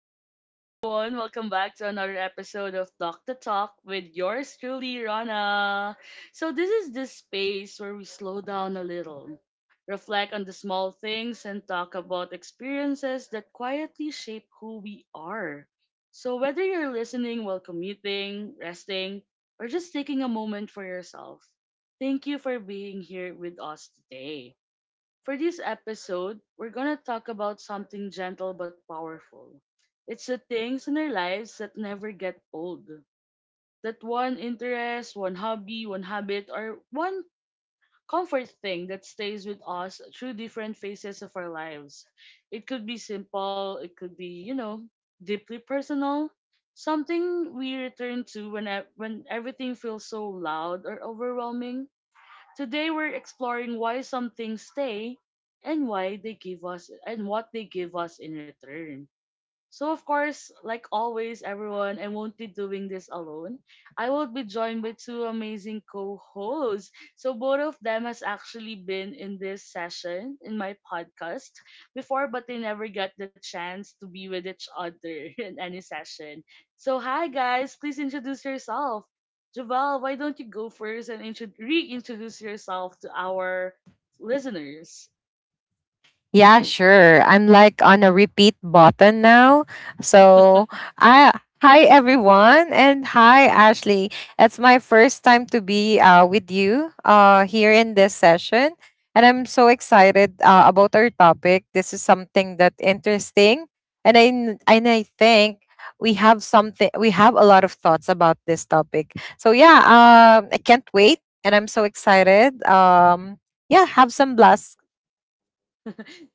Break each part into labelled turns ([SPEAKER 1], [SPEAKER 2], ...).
[SPEAKER 1] Hi everyone! Welcome back to another episode of Talk the Talk with yours truly, Rana. So, this is this space where we slow down a little, reflect on the small things, and talk about experiences that quietly shape who we are. So, whether you're listening while commuting, resting, or just taking a moment for yourself, thank you for being here with us today. For this episode, we're going to talk about something gentle but powerful. It's the things in our lives that never get old. That one interest, one hobby, one habit, or one comfort thing that stays with us through different phases of our lives. It could be simple, it could be, deeply personal, something we return to when everything feels so loud or overwhelming. Today we're exploring why some things stay and why they give us and what they give us in return. So, of course, like always, everyone, I won't be doing this alone. I will be joined by two amazing co hosts. So, both of them has actually been in this session in my podcast before, but they never got the chance to be with each other in any session. So, hi, guys, please introduce yourself. Javal, why don't you go first and reintroduce yourself to our listeners?
[SPEAKER 2] Yeah, sure. I'm like on a repeat button now. So, I hi everyone and hi Ashley. It's my first time to be with you here in
[SPEAKER 3] Mhm.
[SPEAKER 2] this session, and I'm so excited about our topic. This is something that interesting, and and I think we have something. We have a lot of thoughts about this topic. So yeah, I can't wait, and I'm so excited. Yeah, have some blast.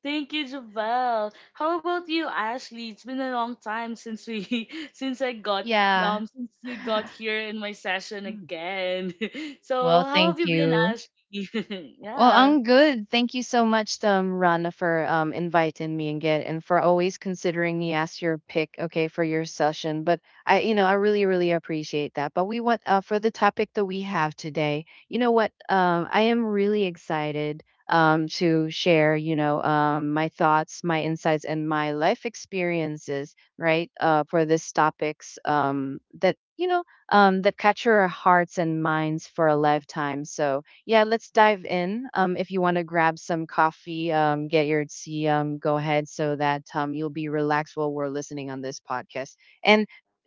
[SPEAKER 1] Thank you, Javel. How about you, Ashley? It's been a long time since we
[SPEAKER 3] Yeah.
[SPEAKER 1] since you got here in my session
[SPEAKER 3] Mm.
[SPEAKER 1] again. So
[SPEAKER 3] Well,
[SPEAKER 1] how have
[SPEAKER 3] thank
[SPEAKER 1] you been,
[SPEAKER 3] you.
[SPEAKER 1] Ashley?
[SPEAKER 3] Well,
[SPEAKER 1] Yeah.
[SPEAKER 3] I'm good. Thank you so much, Rana, for inviting me and for always considering me as your pick, okay, for your session. But I, you know, I really, really appreciate that. But we want for the topic that we have today. You know what? I am really excited to share, you know, my thoughts, my insights, and my life experiences, right, for this topics that you know that capture our hearts and minds for a lifetime. So yeah, let's dive in. If you want to grab some coffee, get your tea, go ahead so that you'll be relaxed while we're listening on this podcast. And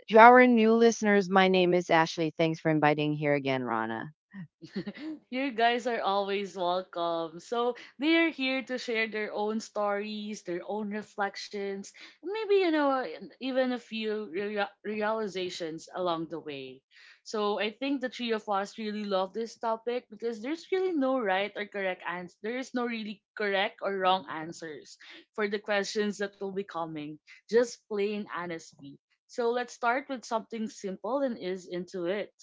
[SPEAKER 3] to our new listeners, my name is Ashley. Thanks for inviting here again, Rana.
[SPEAKER 1] You guys are always welcome. So they are here to share their own stories, their own reflections, maybe and even a few realizations along the way. So I think the three of us really love this topic because there's really no right or correct answer. There is no really correct or wrong answers for the questions that will be coming. Just plain honesty. So let's start with something simple and is into it.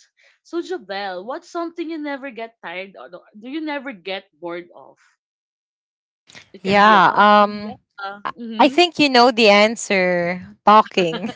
[SPEAKER 1] So Javel, what's something you never get tired of? Do you never get bored of? It can be a
[SPEAKER 2] Yeah.
[SPEAKER 1] hobby, yeah.
[SPEAKER 2] I I
[SPEAKER 1] Mm-hmm.
[SPEAKER 2] think you know the answer. Talking.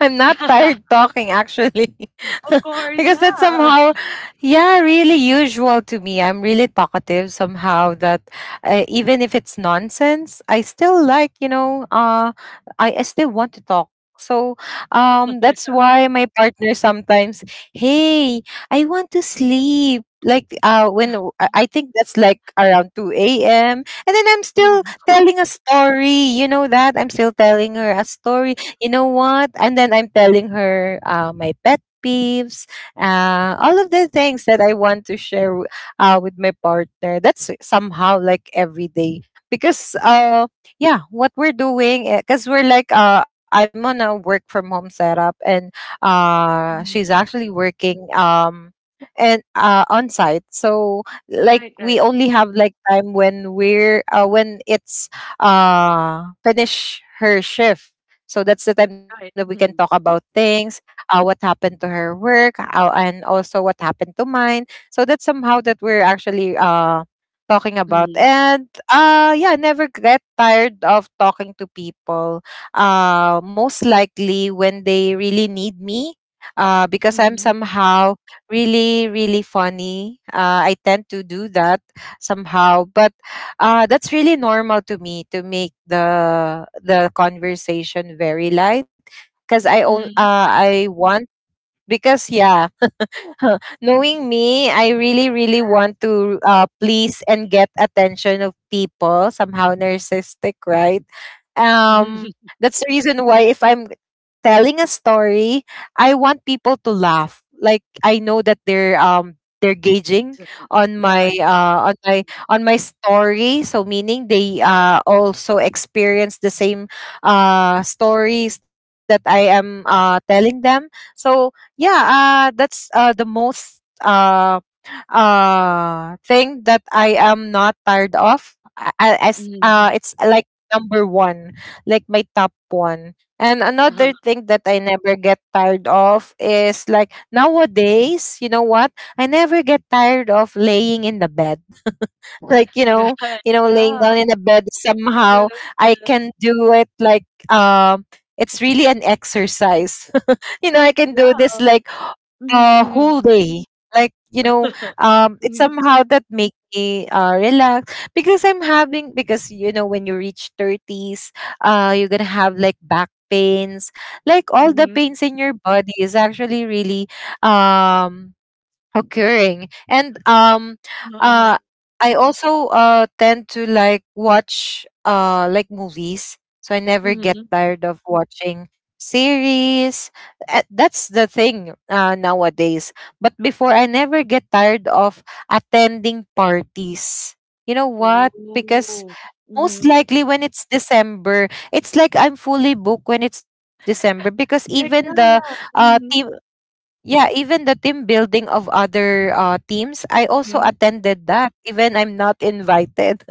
[SPEAKER 2] I'm not tired talking actually.
[SPEAKER 1] Of course,
[SPEAKER 2] because that's
[SPEAKER 1] yeah.
[SPEAKER 2] somehow yeah, really usual to me. I'm really talkative somehow that even if it's nonsense, I still like, I still want to talk. So
[SPEAKER 1] Yeah.
[SPEAKER 2] that's why my partner sometimes, "Hey, I want to sleep." Like when w- I think that's like around 2 a.m. and then I'm still
[SPEAKER 1] Mhm.
[SPEAKER 2] telling a story. You know that? I'm still telling her a story, you know what? And then I'm telling her my pet peeves, all of the things that I want to share with my partner. That's somehow like every day because yeah, what we're doing because we're like I'm on a work from home setup and
[SPEAKER 1] Mhm.
[SPEAKER 2] she's actually working, and on site. So like
[SPEAKER 1] right, right,
[SPEAKER 2] we only have like time when we're when it's finish her shift, so that's the time that we
[SPEAKER 1] right.
[SPEAKER 2] can talk
[SPEAKER 1] Mm-hmm.
[SPEAKER 2] about things, what happened to her work, and also what happened to mine. So that's somehow that we're actually talking about.
[SPEAKER 1] Mm-hmm.
[SPEAKER 2] And yeah, never get tired of talking to people. Most likely when they really need me, because I'm
[SPEAKER 1] Mm-hmm.
[SPEAKER 2] somehow really, really funny. I tend to do that somehow. But that's really normal to me to make the conversation very light because
[SPEAKER 1] Mm-hmm.
[SPEAKER 2] I want, because yeah, knowing me, I really, really
[SPEAKER 1] Yes.
[SPEAKER 2] want to please and get attention of people, somehow narcissistic, right?
[SPEAKER 1] Mhm.
[SPEAKER 2] Um, that's the reason why if I'm telling a story, I want people to laugh. Like I know that they're gauging
[SPEAKER 1] Exactly.
[SPEAKER 2] on my
[SPEAKER 1] Yeah.
[SPEAKER 2] on my story. So meaning they also experience the same stories that I am telling them. So yeah, that's the most thing that I am not tired of. I- as
[SPEAKER 1] Mm-hmm.
[SPEAKER 2] It's like number one, like my top one. And
[SPEAKER 1] Uh-huh.
[SPEAKER 2] another thing that I never get tired of is like nowadays, you know what, I never get tired of laying in the bed. Like you know,
[SPEAKER 1] Right.
[SPEAKER 2] you know, laying
[SPEAKER 1] Yeah.
[SPEAKER 2] down in the bed somehow.
[SPEAKER 1] Yes.
[SPEAKER 2] I can
[SPEAKER 1] Yes.
[SPEAKER 2] do it like, it's really an exercise. you know, I can do
[SPEAKER 1] Yeah.
[SPEAKER 2] this like a
[SPEAKER 1] Mm-hmm.
[SPEAKER 2] whole day. Like, you know,
[SPEAKER 1] Mm-hmm.
[SPEAKER 2] it's
[SPEAKER 1] mm-hmm,
[SPEAKER 2] somehow that make me relax because I'm having, because you know when you reach 30s, you're gonna have like back pains, like all the
[SPEAKER 1] mm-hmm,
[SPEAKER 2] pains in your body is actually really um occurring. And
[SPEAKER 1] Uh-huh.
[SPEAKER 2] uh I also tend to like watch like movies, so I never get
[SPEAKER 1] Mhm.
[SPEAKER 2] tired of watching series. That's the thing nowadays, but before I never get tired of attending parties, you know what, because
[SPEAKER 1] Oh.
[SPEAKER 2] most
[SPEAKER 1] Mhm.
[SPEAKER 2] likely when it's December, it's like I'm fully booked when it's December, because even the
[SPEAKER 1] Yeah.
[SPEAKER 2] team.
[SPEAKER 1] Mhm,
[SPEAKER 2] Yeah, even the team building of other teams, I also
[SPEAKER 1] mhm,
[SPEAKER 2] attended that, even I'm not invited.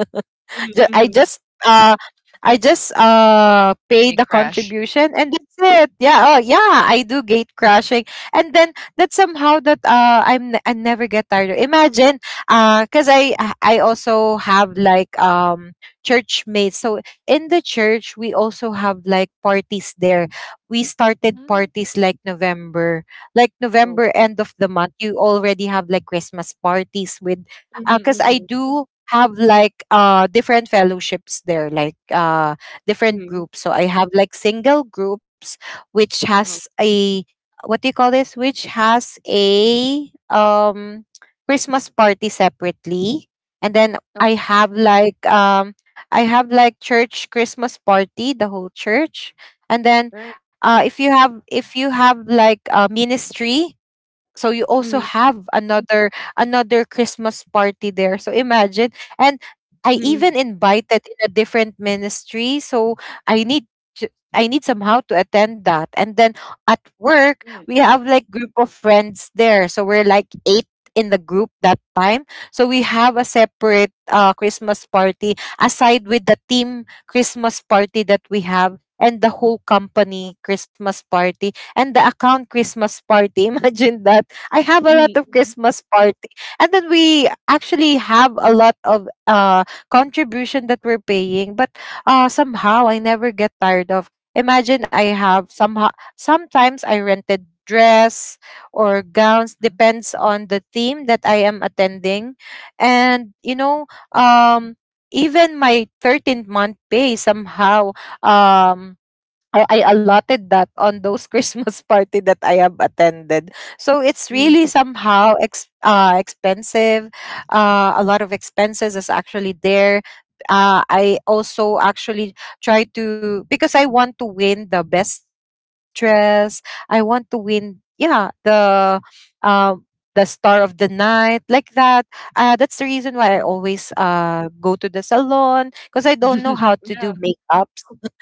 [SPEAKER 2] Ju- I
[SPEAKER 1] mhm.
[SPEAKER 2] just uh I just pay
[SPEAKER 3] Hey,
[SPEAKER 2] the
[SPEAKER 3] Crash.
[SPEAKER 2] contribution and that's it. Yeah, oh yeah, I do gate crashing. And then that somehow that I never get tired of. Imagine, cuz I also have like, church mates. So in the church we also have like parties there. We started
[SPEAKER 3] Mhm.
[SPEAKER 2] parties like November. Like November
[SPEAKER 1] Oo.
[SPEAKER 2] end of the month you already have like Christmas parties, with
[SPEAKER 1] Mhm,
[SPEAKER 2] because I
[SPEAKER 1] mhm,
[SPEAKER 2] do have like different fellowships there, like different
[SPEAKER 1] mhm.
[SPEAKER 2] groups. So I have like single groups, which has
[SPEAKER 1] Uh-huh.
[SPEAKER 2] a, what do you call this? Which has a, Christmas party separately, and then
[SPEAKER 1] Oo,
[SPEAKER 2] I have like, I have like church Christmas party, the whole church, and then
[SPEAKER 1] right. Hmm.
[SPEAKER 2] if you have like a ministry, so you also
[SPEAKER 1] Mhm,
[SPEAKER 2] have another, another Christmas party there, so imagine. And I
[SPEAKER 1] mhm.
[SPEAKER 2] even invited in a different ministry, so I need to, I need somehow to attend that. And then at work
[SPEAKER 1] Right.
[SPEAKER 2] we have like group of friends there, so we're like eight in the group that time, so we have a separate Christmas party aside with the team Christmas party that we have, and the whole company Christmas party, and the account Christmas party. Imagine that. I have a lot of
[SPEAKER 1] Mhm,
[SPEAKER 2] Christmas party. And then we actually have a lot of contribution that we're paying, but somehow I never get tired of. Imagine, I have somehow, sometimes I rented dress or gowns depends on the theme that I am attending. And you know, um even my 13th month pay somehow, um I allotted that on those Christmas party that I have attended. So it's
[SPEAKER 1] mhm,
[SPEAKER 2] really somehow expensive. A lot of expenses is actually there. I also actually try to, because I want to win the best dress. I want to win, yeah, the, um the star of the night, like that. That's the reason why I
[SPEAKER 1] mhm.
[SPEAKER 2] always go to the salon, because I don't know how to
[SPEAKER 1] Yeah.
[SPEAKER 2] do makeup.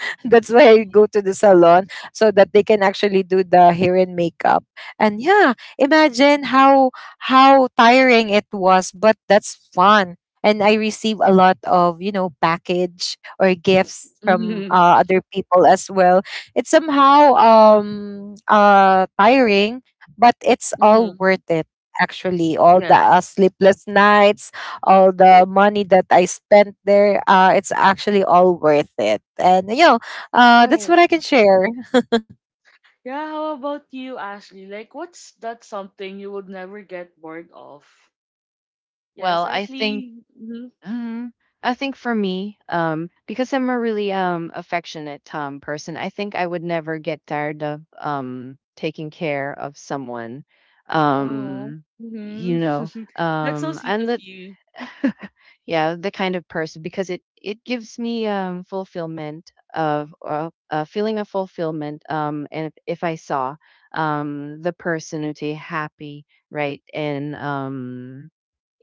[SPEAKER 2] That's why I go
[SPEAKER 3] Okay.
[SPEAKER 2] to the salon so that they can actually do the hair and makeup. And yeah, imagine how tiring it was, but that's fun. And I receive a lot of, you know, package or gifts from
[SPEAKER 1] Mhm,
[SPEAKER 2] other people as well. It's somehow tiring, but it's all
[SPEAKER 1] mhm.
[SPEAKER 2] worth it, actually all
[SPEAKER 1] Yes.
[SPEAKER 2] the sleepless
[SPEAKER 1] Yeah.
[SPEAKER 2] nights, all the money that I spent there, it's actually all worth it. And you know, that's
[SPEAKER 1] Right.
[SPEAKER 2] what I can share.
[SPEAKER 1] Yeah, how about you, Ashley? Like, what's that something you would never get bored of?
[SPEAKER 3] Well,
[SPEAKER 1] Yes,
[SPEAKER 3] I think
[SPEAKER 1] Ashley. Mhm.
[SPEAKER 3] Mhm. I think for me, because I'm a really affectionate person, I think I would never get tired of taking care of someone.
[SPEAKER 1] Oh.
[SPEAKER 3] Um, you
[SPEAKER 1] Mhm.
[SPEAKER 3] know,
[SPEAKER 1] That's so sweet
[SPEAKER 3] and
[SPEAKER 1] of
[SPEAKER 3] the
[SPEAKER 1] you.
[SPEAKER 3] yeah, the kind of person because it gives me fulfillment of a feeling of fulfillment. And if I saw the person who be happy, right, and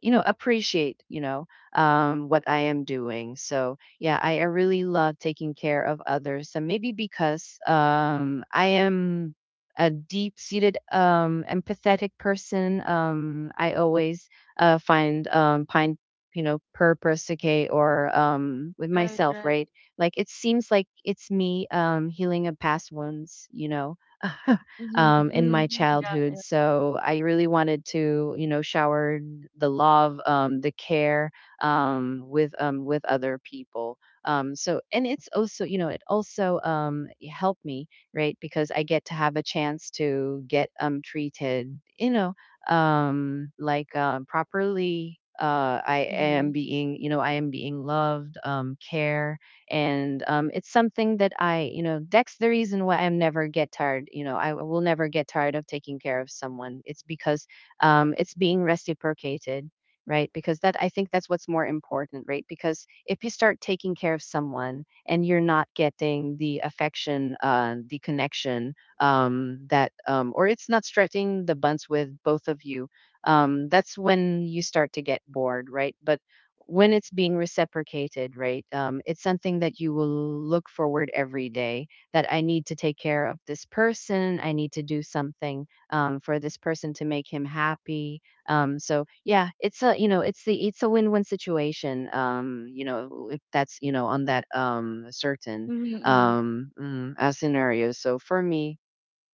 [SPEAKER 3] you know appreciate you know what I am doing. So I really love taking care of others, and maybe because I am a deep-seated empathetic person, I always find you know purpose, okay, or with myself,
[SPEAKER 1] Right.
[SPEAKER 3] right? Like it seems like it's me healing a past wounds, you know, in my
[SPEAKER 1] Mhm.
[SPEAKER 3] childhood.
[SPEAKER 1] Yeah.
[SPEAKER 3] So I really wanted to, you know, shower the love, the care, with other people. So, and it's also, you know, it also helped me, right? Because I get to have a chance to get treated, you know, properly. I am
[SPEAKER 1] Mhm.
[SPEAKER 3] being, you know, I am being loved, care, and it's something that I you know that's the reason why I'm never get tired, you know, I will never get tired of taking care of someone. It's because it's being reciprocated, right? Because that I think that's what's more important, right? Because if you start taking care of someone and you're not getting the affection, the connection, that or it's not stretching the buns with both of you, that's when you start to get bored, right? But when it's being reciprocated, right? It's something that you will look forward every day, that I need to take care of this person. I need to do something for this person to make him happy. So yeah, it's a you know it's the it's a win-win situation. You know, if that's you know on that um, certain
[SPEAKER 1] Mhm.
[SPEAKER 3] um, mm, uh, scenario. So for me,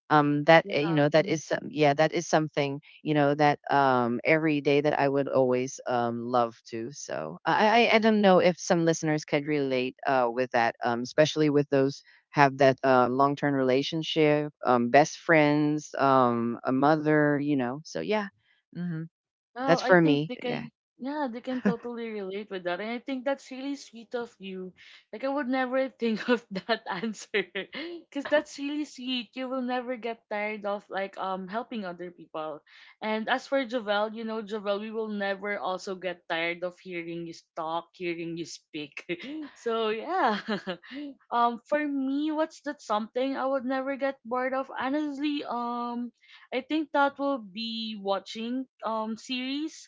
[SPEAKER 1] Yeah,
[SPEAKER 3] you know that
[SPEAKER 1] mhm.
[SPEAKER 3] is some yeah that is something, you know, that every day that I would always love to. I don't know if some listeners could relate with that, especially with those have that long-term relationship, best friends, a mother, you know. So yeah, hmm,
[SPEAKER 1] Wow,
[SPEAKER 3] that's
[SPEAKER 1] I
[SPEAKER 3] for
[SPEAKER 1] think
[SPEAKER 3] me,
[SPEAKER 1] they
[SPEAKER 3] yeah.
[SPEAKER 1] can, yeah, they can totally relate with that. And I think that's really sweet of you. Like, I would never think of that answer because that's really sweet. You will never get tired of like helping other people. And as for Javel, you know, Javel, we will never also get tired of hearing you talk, hearing you speak. So yeah. For me, what's that something I would never get bored of? Honestly, I think that will be watching series.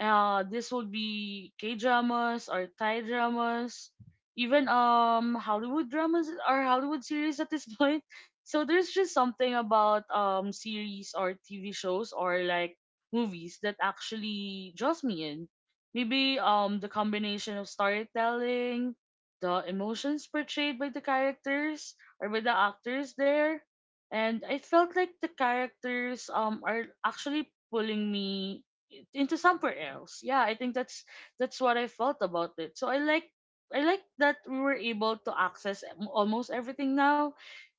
[SPEAKER 1] This would be K dramas or Thai dramas, even Hollywood dramas or Hollywood series at this point. So there's just something about series or TV shows or like movies that actually draws me in. Maybe the combination of storytelling, the emotions portrayed by the characters or by the actors there, and I felt like the characters are actually pulling me into somewhere else. Yeah, I think that's what I felt about it. So I like that we were able to access almost everything now.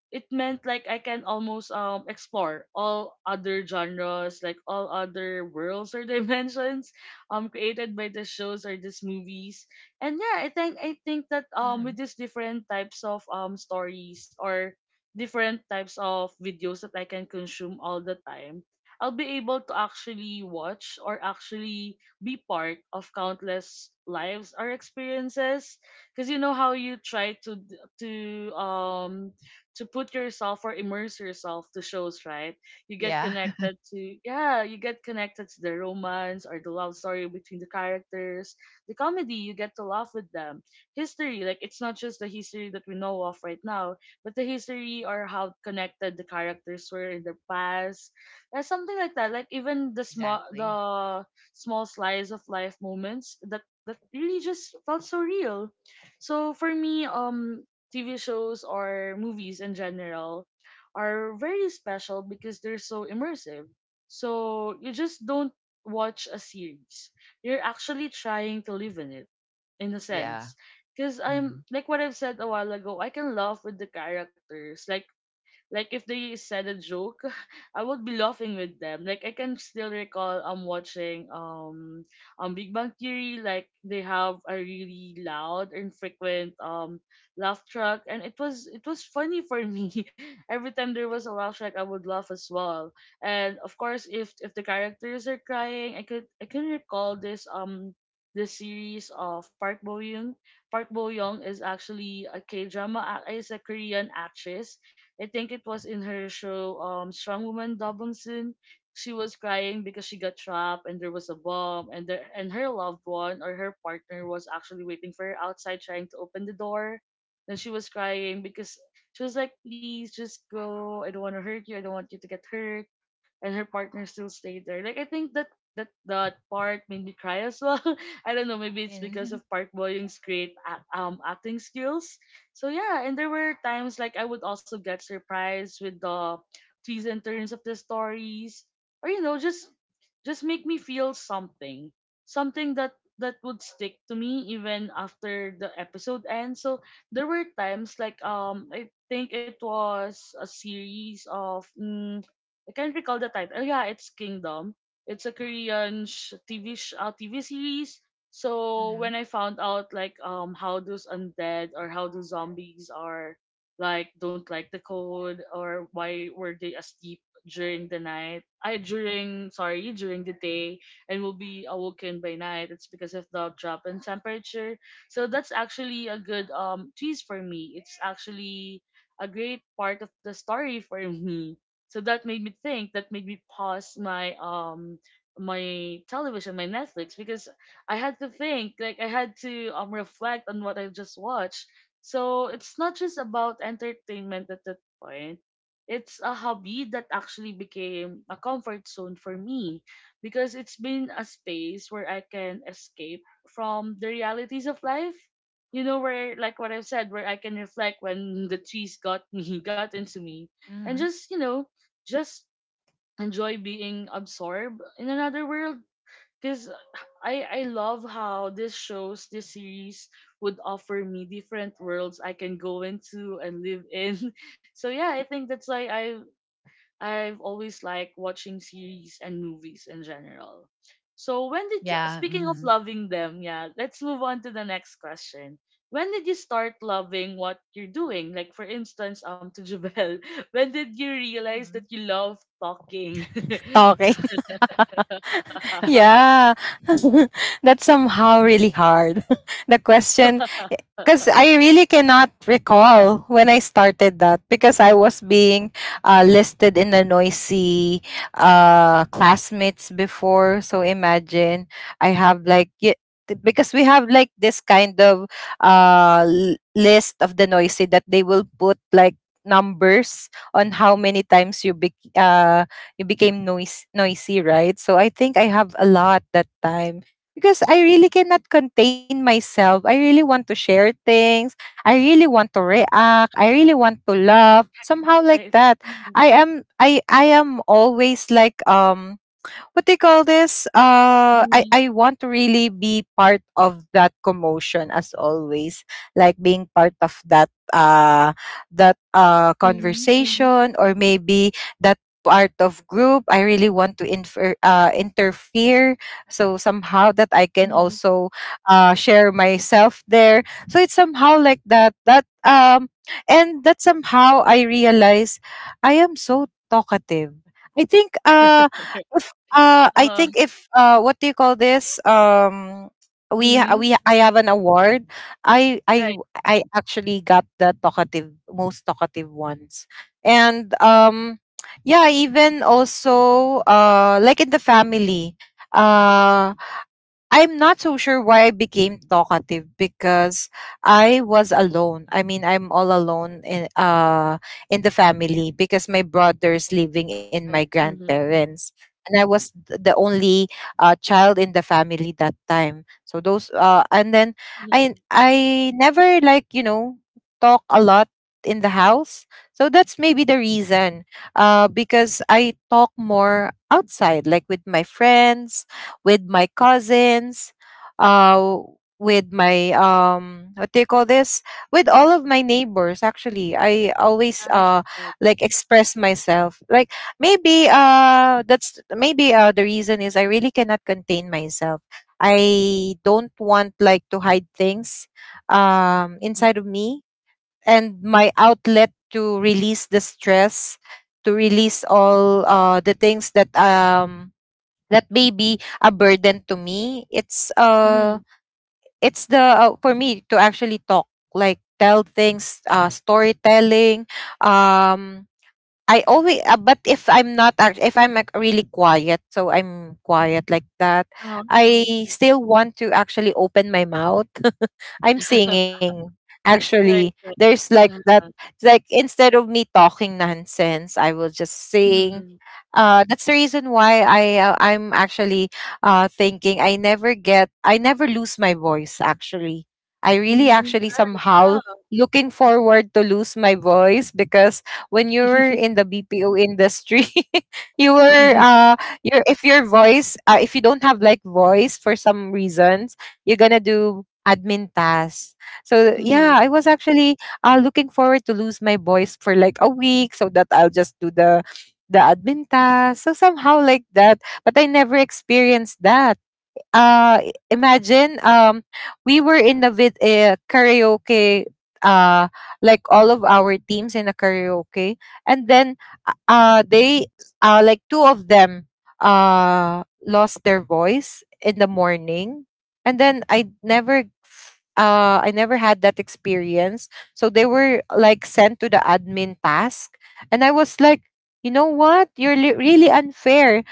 [SPEAKER 1] It meant like I can almost explore all other genres, like all other worlds or dimensions created by the shows or these movies. And yeah, I think that
[SPEAKER 3] Hmm.
[SPEAKER 1] with these different types of stories or different types of videos that I can consume all the time, I'll be able to actually watch or actually be part of countless lives or experiences, because you know how you try to um to put yourself or immerse yourself to shows, right? You get
[SPEAKER 3] Yeah,
[SPEAKER 1] connected to Yeah, you get connected to the romance or the love story between the characters. The comedy, you get to laugh with them. History, like it's not just the history that we know of right now, but the history or how connected the characters were in the past. And something like that. Like even the
[SPEAKER 3] exactly.
[SPEAKER 1] small slice of life moments that really just felt so real. So for me, TV shows or movies in general are very special because they're so immersive. So you just don't watch a series. You're actually trying to live in it in a
[SPEAKER 3] Yeah.
[SPEAKER 1] sense. Because
[SPEAKER 3] Hmm.
[SPEAKER 1] I'm like what I've said a while ago, I can laugh with the characters. Like if they said a joke, I would be laughing with them. Like I can still recall I'm watching on Big Bang Theory, like they have a really loud and frequent laugh track and it was funny for me. Every time there was a laugh track I would laugh as well. And of course if the characters are crying, I can recall this series of Park Bo Young. Park Bo Young is actually a K drama, is a Korean actress. I think it was in her show, Strong Woman Dobong. She was crying because she got trapped and there was a bomb, and there and her loved one or her partner was actually waiting for her outside trying to open the door. Then she was crying because she was like, please just go. I don't want to hurt you. I don't want you to get hurt, and her partner still stayed there. Like I think that that part made me cry as well. I don't know, maybe it's because
[SPEAKER 3] And,
[SPEAKER 1] of Park Bo Young's great acting skills. So yeah, and there were times like I would also get surprised with the twists and turns of the stories, or you know, just make me feel something, something that would stick to me even after the episode ends. So there were times like I think it was a series of. Mm, I can't recall the title. Oh, yeah, it's Kingdom. It's a TV TV series. So
[SPEAKER 3] hmm
[SPEAKER 1] when I found out like how those undead or how those zombies are like don't like the cold, or why were they asleep during the night? I during sorry during the day and will be awoken by night. It's because of the drop in temperature. So that's actually a good twist for me. It's actually a great part of the story for me, so that made me think, that made me pause my television, my Netflix, because I had to think, like I had to reflect on what I just watched. So it's not just about entertainment at that point. It's a hobby that actually became a comfort zone for me, because it's been a space where I can escape from the realities of life. You know, where like what I've said, where I can reflect when the trees got me, got into me, and
[SPEAKER 3] hmm
[SPEAKER 1] just you know just enjoy being absorbed in another world, because I love how this series would offer me different worlds I can go into and live in. So yeah, I think that's why I've always liked watching series and movies in general. So when did you,
[SPEAKER 3] yeah
[SPEAKER 1] speaking of
[SPEAKER 3] hmm
[SPEAKER 1] loving them, yeah, let's move on to the next question. When did you start loving what you're doing? Like for instance, to Jabel, when did you realize
[SPEAKER 3] hmm.
[SPEAKER 1] that you love talking?
[SPEAKER 2] Talking. yeah. that's somehow really hard, the question. Because I really cannot recall when I started that, because I was being listed in the noisy classmates before. So imagine, I have like, because we have like this kind of list of the noisy that they will put like numbers on how many times you became noisy, right? So I think I have a lot that time because I really cannot contain myself. I really want to share things. I really want to react. I really want to love, somehow like
[SPEAKER 1] Right.
[SPEAKER 2] that.
[SPEAKER 1] Mm-hmm.
[SPEAKER 2] I am always like, what they call this, uh i
[SPEAKER 1] Mm-hmm.
[SPEAKER 2] i want to really be part of that commotion as always, like being part of that that
[SPEAKER 1] Mm-hmm.
[SPEAKER 2] conversation, or maybe that part of group, I really want to interfere, so somehow that I can
[SPEAKER 1] Mm-hmm.
[SPEAKER 2] also share myself there. So it's somehow like that, that and that somehow I realize I am so talkative. I think I
[SPEAKER 1] Uh-huh.
[SPEAKER 2] think if, what do you call this? We ha-
[SPEAKER 1] Mm-hmm.
[SPEAKER 2] we I have an award. I I
[SPEAKER 1] Right.
[SPEAKER 2] I actually got the talkative, most talkative ones, and yeah, even also like in the family, uh, I'm not so sure why I became talkative because I was alone. I mean, I'm all alone in the family because my brother's living in my
[SPEAKER 1] Right. Mm-hmm.
[SPEAKER 2] grandparents, and I was the only child in the family that time. So those and then I never like, you know, talk a lot in the house. So that's maybe the reason because I talk more outside, like with my friends, with my cousins, uh, with my, what do you call this? With all of my neighbors. Actually, I always
[SPEAKER 1] Right. Right.
[SPEAKER 2] like express myself. Like maybe that's maybe the reason is I really cannot contain myself. I don't want like to hide things inside
[SPEAKER 1] Mm-hmm.
[SPEAKER 2] of me, and my outlet to release the stress, to release all the things that that may be a burden to me,
[SPEAKER 1] Mm-hmm.
[SPEAKER 2] it's the for me to actually talk, like tell things, storytelling. Um, I always, but if I'm not, if I'm like really quiet, so I'm quiet like that,
[SPEAKER 1] Uh-huh.
[SPEAKER 2] I still want to actually open my mouth. I'm singing. Actually,
[SPEAKER 1] Right.
[SPEAKER 2] there's like that.
[SPEAKER 1] Uh-huh.
[SPEAKER 2] Like instead of me talking nonsense, I will just sing.
[SPEAKER 1] Mhm.
[SPEAKER 2] That's the reason why I, I'm actually thinking I never get, I never lose my voice. Actually, I really
[SPEAKER 1] Mm.
[SPEAKER 2] actually
[SPEAKER 1] Right,
[SPEAKER 2] somehow
[SPEAKER 1] yeah.
[SPEAKER 2] looking forward to lose my voice because when you were in the BPO industry, you were
[SPEAKER 1] Mhm.
[SPEAKER 2] your if your voice if you don't have like voice for some reasons, you're gonna do admin tasks. So
[SPEAKER 1] Mhm.
[SPEAKER 2] yeah, I was actually looking forward to lose my voice for like a week so that I'll just do the admin task. So somehow like that, but I never experienced that uh imagine we were in the karaoke uh like all of our teams in a karaoke and then they like two of them lost their voice in the morning and then I never I never had that experience, so they were like sent to the admin task and I was like, you know what, you're really unfair.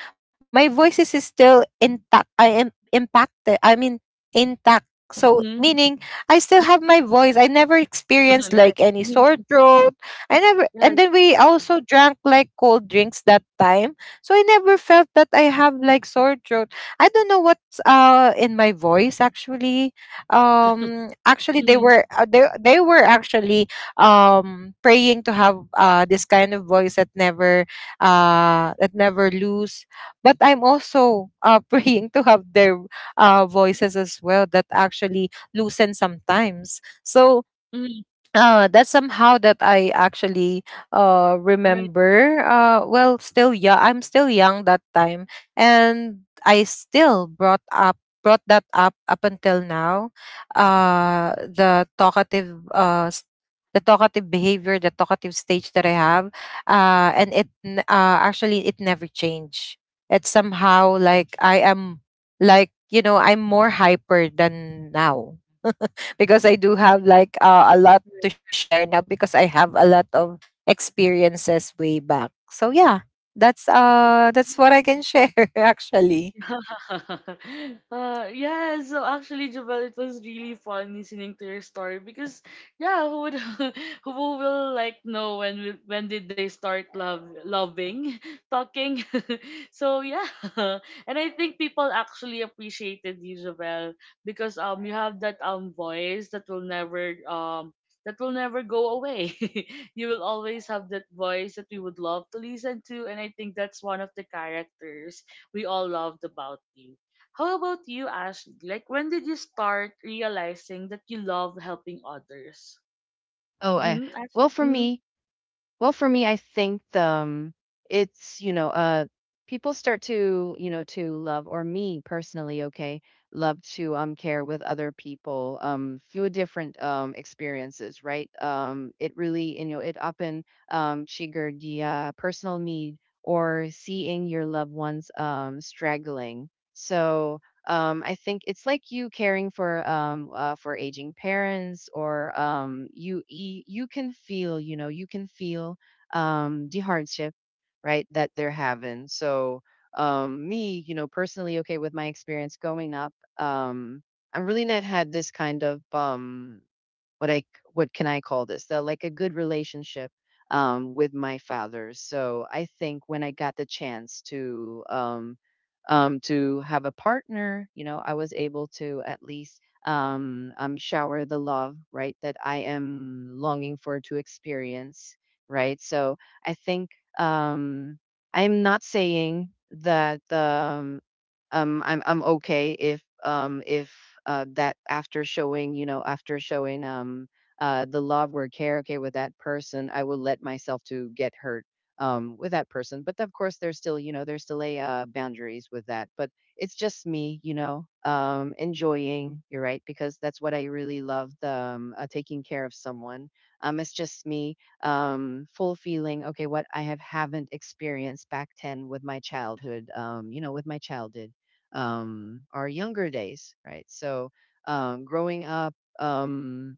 [SPEAKER 2] My voice is still intact. I impacted, I mean intact, so
[SPEAKER 1] Mhm.
[SPEAKER 2] meaning I still have my voice. I never experienced
[SPEAKER 1] Right.
[SPEAKER 2] like any
[SPEAKER 1] Mhm.
[SPEAKER 2] sore throat. I never. And
[SPEAKER 1] Right.
[SPEAKER 2] then we also drank like cold drinks that time, so I never felt that I have like sore throat. I don't know what's in my voice actually. Actually they
[SPEAKER 1] Mhm.
[SPEAKER 2] were they were actually praying to have this kind of voice that never lose. But I'm also praying to have their voices as well that actually loosen sometimes. So
[SPEAKER 1] Mhm.
[SPEAKER 2] that's somehow that I actually
[SPEAKER 1] Right,
[SPEAKER 2] remember. Well, still yeah, I'm still young that time, and I still brought up brought that up up until now. The talkative the talkative behavior, the talkative stage that I have, and it actually it never changed. It's somehow like I am, like you know, I'm more hyper than now because I do have like a lot to share now because I have a lot of experiences way back. So yeah, that's
[SPEAKER 1] right.
[SPEAKER 2] what I can share actually.
[SPEAKER 1] Uh, yeah, so actually, Jabal, it was really fun listening to your story because, yeah, who would who will like know when did they start love loving, talking? So yeah, and I think people actually appreciated you, Jabal, because you have that voice that will never go away. You will always have that voice that we would love to listen to, and I think that's one of the characters we all loved about you. How about you, Ash? Like, when did you start realizing that you love helping others?
[SPEAKER 3] Oh, I
[SPEAKER 1] Mm-hmm.
[SPEAKER 3] well for
[SPEAKER 1] Mm-hmm.
[SPEAKER 3] me, Well, for me, I think it's you know, people start to you know to love, or me personally, okay, love to care with other people, through different experiences, right? It really you know it often triggered the personal need or seeing your loved ones straggling. So I think it's like you caring for aging parents or you you can feel, you know, you can feel the hardship, right, that they're having. So me, you know, personally, okay, with my experience going up, I'm really not had this kind of what I c- what can I call this? So like a good relationship with my father. So I think when I got the chance to have a partner, you know, I was able to at least shower the love, right, that I am longing for to experience, right. So I think um, I'm not saying that. I'm okay if that after showing, you know, after showing the love or care, okay, with that person I will let myself to get hurt with that person, but of course there's still, you know, there's still a boundaries with that. But it's just me, you know, enjoying you're right, because that's what I really loved, taking care of someone. It's just me full feeling, okay, what I have haven't experienced back 10 with my childhood, you know, with my childhood, our younger days, right? So growing up, um,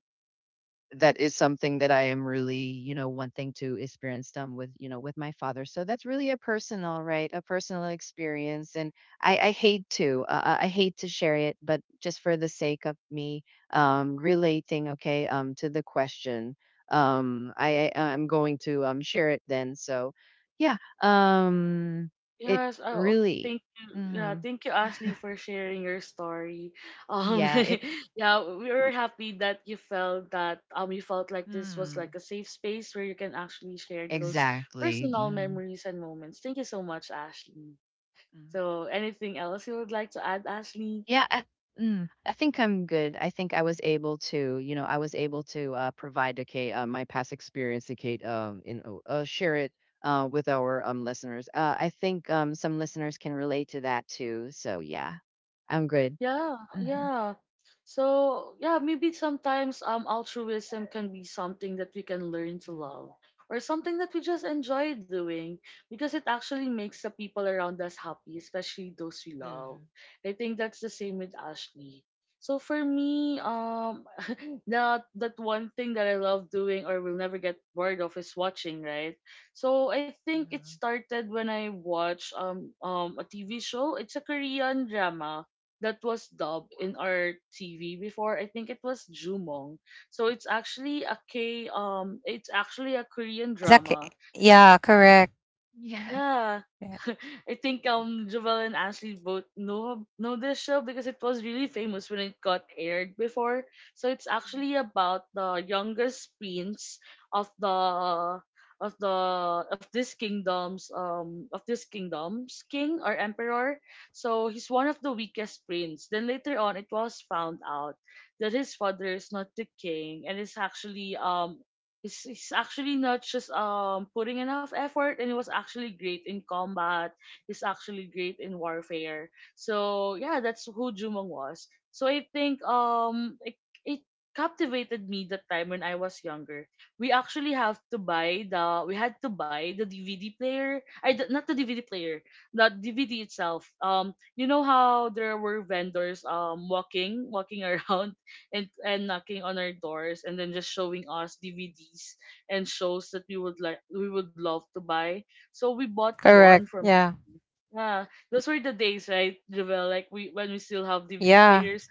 [SPEAKER 3] that is something that I am really, you know, wanting to experience them with, you know, with my father. So that's really a personal, right? A personal experience. And I hate to, I hate to share it, but just for the sake of me relating, okay, to the question, I'm going to share it then. So, yeah, um, it
[SPEAKER 1] Yes, I— oh,
[SPEAKER 3] really,
[SPEAKER 1] thank you. Yeah,
[SPEAKER 3] hmm,
[SPEAKER 1] thank you, Ashley, for sharing your story. Um,
[SPEAKER 3] yeah, it.
[SPEAKER 1] yeah, we were happy that you felt like this was like
[SPEAKER 3] Mm.
[SPEAKER 1] a safe space where you can actually share those
[SPEAKER 3] Exactly.
[SPEAKER 1] personal
[SPEAKER 3] Mm.
[SPEAKER 1] memories and moments. Thank you so much, Ashley.
[SPEAKER 3] Mm.
[SPEAKER 1] So, anything else you would like to add, Ashley?
[SPEAKER 3] Yeah, I, I think I'm good. I think I was able to, you know, I was able to provide a Kate, my past experience to Kate, in share it with our listeners. I think some listeners can relate to that too. So yeah, I'm good.
[SPEAKER 1] Yeah,
[SPEAKER 3] Hmm.
[SPEAKER 1] yeah. So, yeah, maybe sometimes altruism can be something that we can learn to
[SPEAKER 3] Mhm.
[SPEAKER 1] love or something that we just enjoy doing because it actually makes the people around us happy, especially those we love.
[SPEAKER 3] Mhm.
[SPEAKER 1] I think that's the same with Ashley. So for me, that one thing that I love doing or will never get bored of is watching, right? So I think it
[SPEAKER 3] Mhm.
[SPEAKER 1] started when I watched a TV show. It's a Korean drama that was dubbed in our TV before. I think it was Jumong. So it's actually a K it's actually a Korean
[SPEAKER 2] Exactly.
[SPEAKER 1] drama,
[SPEAKER 2] Yeah, correct.
[SPEAKER 3] Yeah.
[SPEAKER 1] yeah.
[SPEAKER 2] Yeah,
[SPEAKER 1] I think Jovel and Ashley both know this show because it was really famous when it got aired before. So it's
[SPEAKER 3] Mhm.
[SPEAKER 1] actually about the youngest prince of the of the of this kingdom's king or emperor. So he's one of the weakest prince. Then later on it was found out that his father is not the king and is actually he's actually not just putting enough effort, and he was actually great in combat. He's actually great in warfare. So yeah, that's who Jumong was. So I think it captivated me that time when I was younger. We actually have to buy the we had to buy the DVD player. Not the DVD player, the DVD itself. You know how there were vendors walking around and knocking on our doors and then just showing us DVDs and shows that we would we would love to buy. So we bought one
[SPEAKER 2] correct.
[SPEAKER 1] from him,
[SPEAKER 2] Yeah.
[SPEAKER 1] yeah. Those were the days, right, Javel? Like we— when we still have DVD
[SPEAKER 2] Yeah.
[SPEAKER 1] players,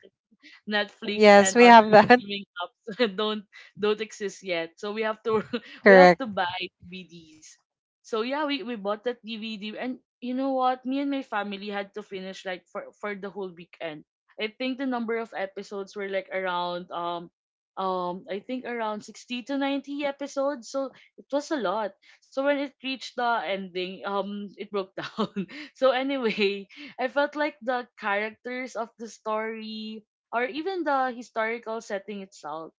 [SPEAKER 1] Netflix
[SPEAKER 2] Yes,
[SPEAKER 1] and
[SPEAKER 2] we
[SPEAKER 1] other
[SPEAKER 2] have that.
[SPEAKER 1] streaming apps don't exist yet. So we have to we have
[SPEAKER 2] Correct.
[SPEAKER 1] to buy DVDs. So yeah, we bought that DVD, and you know what? Me and my family had to finish like for the whole weekend. I think the number of episodes were like around I think around 60 to 90 episodes. So it was a lot. So when it reached the ending, it broke down. So anyway, I felt like the characters of the story or even the historical setting itself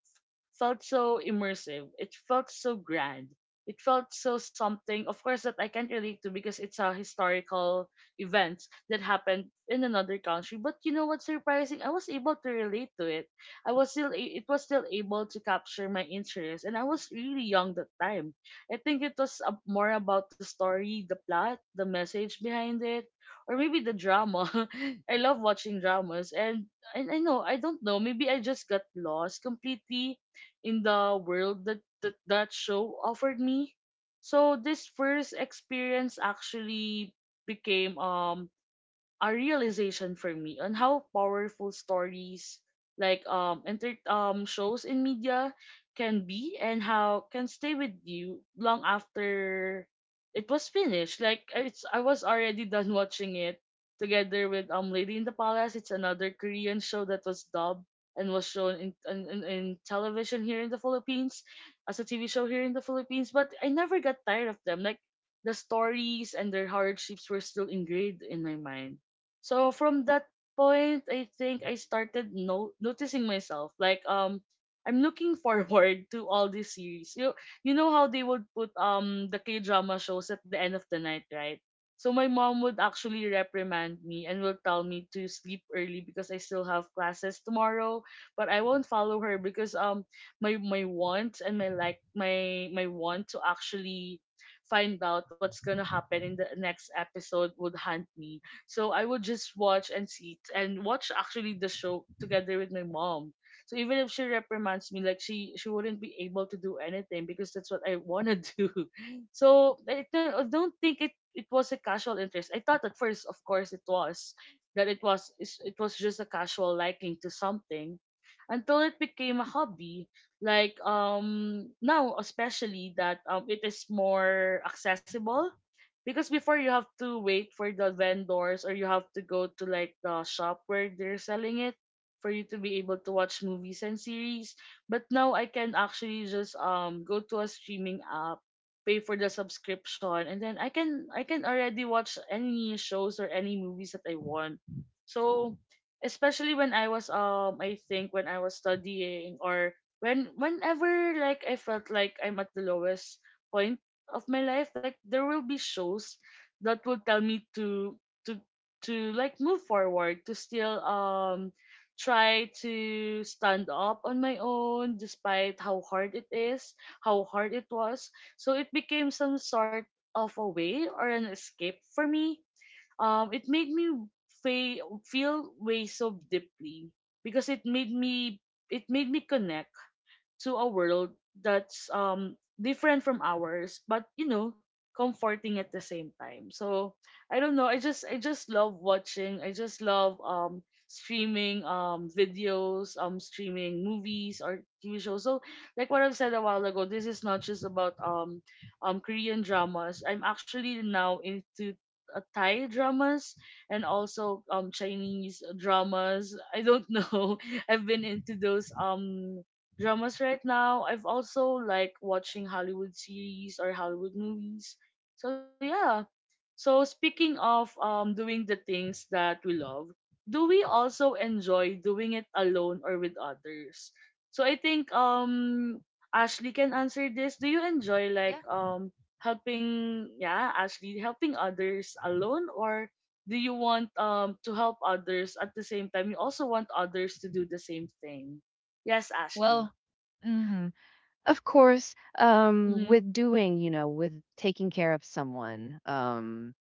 [SPEAKER 1] felt so immersive. It felt so grand. It felt so something, of course, that I can't relate to because it's a historical event that happened in another country. But you know what's surprising? I was able to relate to it. I was still— it was still able to capture my interest, and I was really young that time. I think it was more about the story, the plot, the message behind it, or maybe the drama. I love watching dramas, and I don't know. Maybe I just got lost completely in the world that that show offered me. So this first experience actually became a realization for me on how powerful stories like enter shows in media can be, and how can stay with you long after it was finished. Like it's— I was already done watching it together with Lady in the Palace. It's another Korean show that was dubbed and was shown in television here in the Philippines as a TV show here in the Philippines. But I never got tired of them. Like the stories and their hardships were still ingrained in my mind. So from that point, I think I started noticing myself like I'm looking forward to all these series. You know how they would put the K drama shows at the end of the night, right? So my mom would actually reprimand me and will tell me to sleep early because I still have classes tomorrow. But I won't follow her because my my want and my like my want to actually find out what's gonna happen in the next episode would hunt me, so I would just watch and see and watch actually the show together with my mom. So even if she reprimands me, like she wouldn't be able to do anything because that's what I wanna do. So I don't think it— it was a casual interest. I thought at first, of course, it was that it was it was just a casual liking to something until it became a hobby, like now, especially that it is more accessible because before you have to wait for the vendors, or you have to go to like the shop where they're selling it for you to be able to watch movies and series. But now I can actually just go to a streaming app, pay for the subscription, and then I can already watch any shows or any movies that I want. So, especially when I was— I think when I was studying, or whenever like I felt like I'm at the lowest point of my life, like there will be shows that will tell me to to like move forward, to still try to stand up on my own despite how hard it is, how hard it was. So it became some sort of a way or an escape for me. It made me feel way so deeply, because it made me— it made me connect to a world that's different from ours, but you know, comforting at the same time. So I don't know, I just love watching, I just love streaming videos, streaming movies or TV shows. So like what I've said a while ago, this is not just about Korean dramas. I'm actually now into Thai dramas, and also Chinese dramas. I don't know, I've been into those dramas right now. I've also like watching Hollywood series or Hollywood movies. So yeah. So speaking of doing the things that we love, do we also enjoy doing it alone or with others? So I think Ashley can answer this. Do you enjoy like
[SPEAKER 3] Yeah.
[SPEAKER 1] helping— yeah, Ashley, helping others alone, or do you want to help others at the same time you also want others to do the same thing? Yes, Ashley.
[SPEAKER 3] Well, hmm, of course,
[SPEAKER 1] Mhm.
[SPEAKER 3] with doing, you know, with taking care of someone,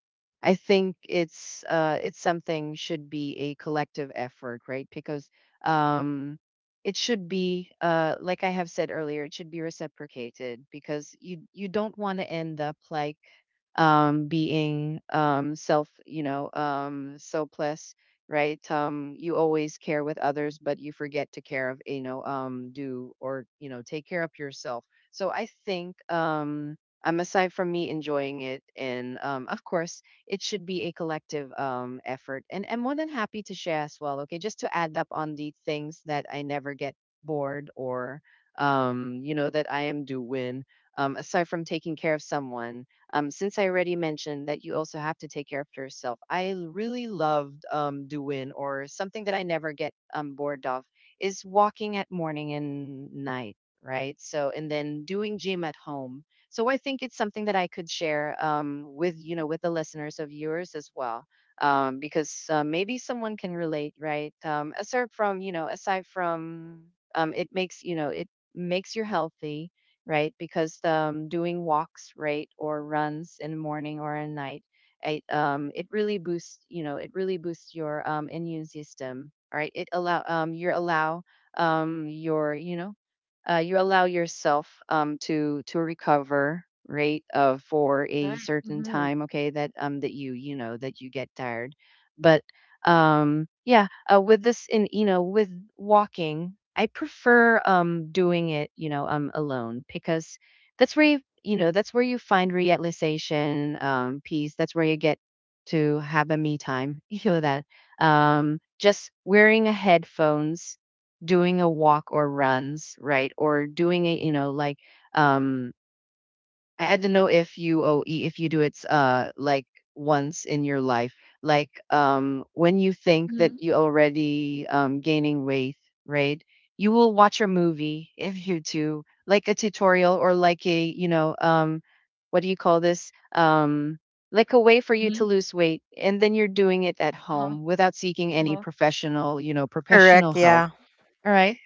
[SPEAKER 3] I think it's something should be a collective effort, right? Because um, it should be, like I have said earlier, it should be reciprocated because you don't want to end up like being self you know selfless, right? You always care with others, but you forget to care of, you know, do or you know take care of yourself. So i think um um, aside from me enjoying it, and of course, it should be a collective effort. And I'm more than happy to share as well. Okay, just to add up on the things that I never get bored or, you know, that I am doing. Aside from taking care of someone, since I already mentioned that you also have to take care of yourself, I really loved doing or something that I never get bored of is walking at morning and night, right? So, and then doing gym at home. So I think it's something that I could share with, you know, with the listeners of yours as well, because maybe someone can relate, right? Aside from, you know, aside from it makes, you know, it makes you healthy, right? Because doing walks, right, or runs in the morning or at night, it really boosts, you know, it really boosts your immune system, right? It allow you allow your, you know, you allow yourself to recover, right, for a
[SPEAKER 1] Right.
[SPEAKER 3] certain
[SPEAKER 1] Mhm.
[SPEAKER 3] time, okay, that that you know that you get tired, but yeah, with this in you know with walking I prefer doing it, you know, alone, because that's where you know that's where you find realization, peace, that's where you get to have a me time. You know that just wearing a headphones, doing a walk or runs, right, or doing a you know like um I don't know if you if you do it like once in your life, like when you think that
[SPEAKER 1] Mhm.
[SPEAKER 3] you already gaining weight, right? You will watch a movie if you do like a tutorial or like a you know what do you call this like a way for you to
[SPEAKER 1] Mhm.
[SPEAKER 3] lose weight, and then you're doing it at
[SPEAKER 1] Uh huh.
[SPEAKER 3] home without seeking
[SPEAKER 1] Uh
[SPEAKER 3] any
[SPEAKER 1] huh.
[SPEAKER 3] professional, you know, professional
[SPEAKER 2] Correct.
[SPEAKER 3] help,
[SPEAKER 2] Yeah,
[SPEAKER 3] all right,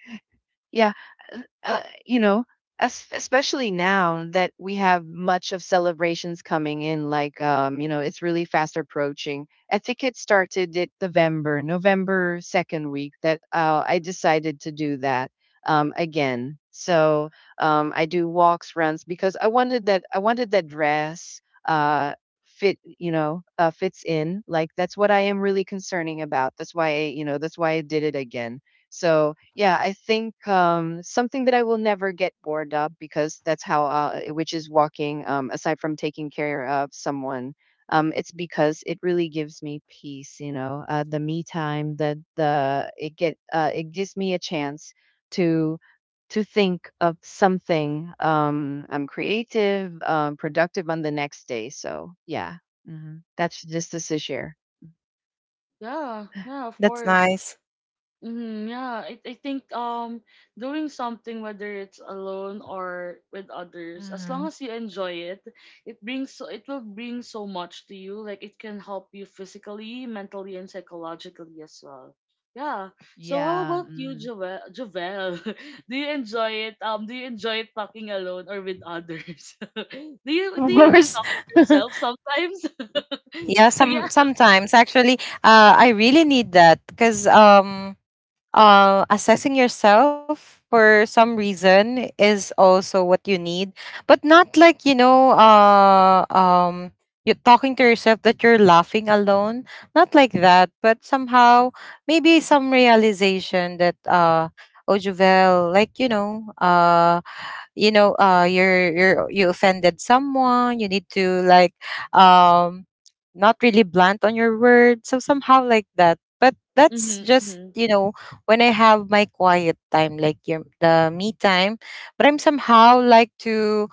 [SPEAKER 3] yeah, you know, especially now that we have much of celebrations coming in, like you know, it's really fast approaching. I think it started at November second week that I decided to do that again. So I do walks, runs because I wanted that. I wanted that dress. Uh, fit fits in, like, that's what I am really concerning about. That's why you know that's why I did it again. So yeah, I think something that I will never get bored of because that's which is walking. Aside from taking care of someone, it's because it really gives me peace. You know, the me time, the it get it gives me a chance to to think of something. I'm creative, productive on the next day. So yeah, mhm. That's just this year.
[SPEAKER 1] Yeah. Yeah. Of
[SPEAKER 2] that's
[SPEAKER 1] course.
[SPEAKER 2] nice.
[SPEAKER 1] Mm, yeah, I think doing something, whether it's alone or with others, as long
[SPEAKER 3] Hmm.
[SPEAKER 1] as you enjoy it, it brings— so it will bring so much to you. Like it can help you physically, mentally, and psychologically as well. Yeah. So how
[SPEAKER 3] Yeah,
[SPEAKER 1] about you,
[SPEAKER 3] mm,
[SPEAKER 1] Jovel? Jovel, do you enjoy it? Do you enjoy it talking alone or with others? Do
[SPEAKER 2] Of
[SPEAKER 1] you
[SPEAKER 2] course.
[SPEAKER 1] talk to yourself sometimes?
[SPEAKER 2] Yeah.
[SPEAKER 1] So yeah.
[SPEAKER 2] Some sometimes actually, I really need that because assessing yourself for some reason is also what you need, but not like, you know, you talking to yourself that you're laughing alone, not like that, but somehow maybe some realization that, oh Juvel, like, you know, you're you offended someone, you need to like, um not really blunt on your word. So somehow like that. But
[SPEAKER 1] Mm-hmm,
[SPEAKER 2] that's just,
[SPEAKER 1] mm-hmm.
[SPEAKER 2] you know, when I have my quiet time, like your the me time. But I'm somehow like to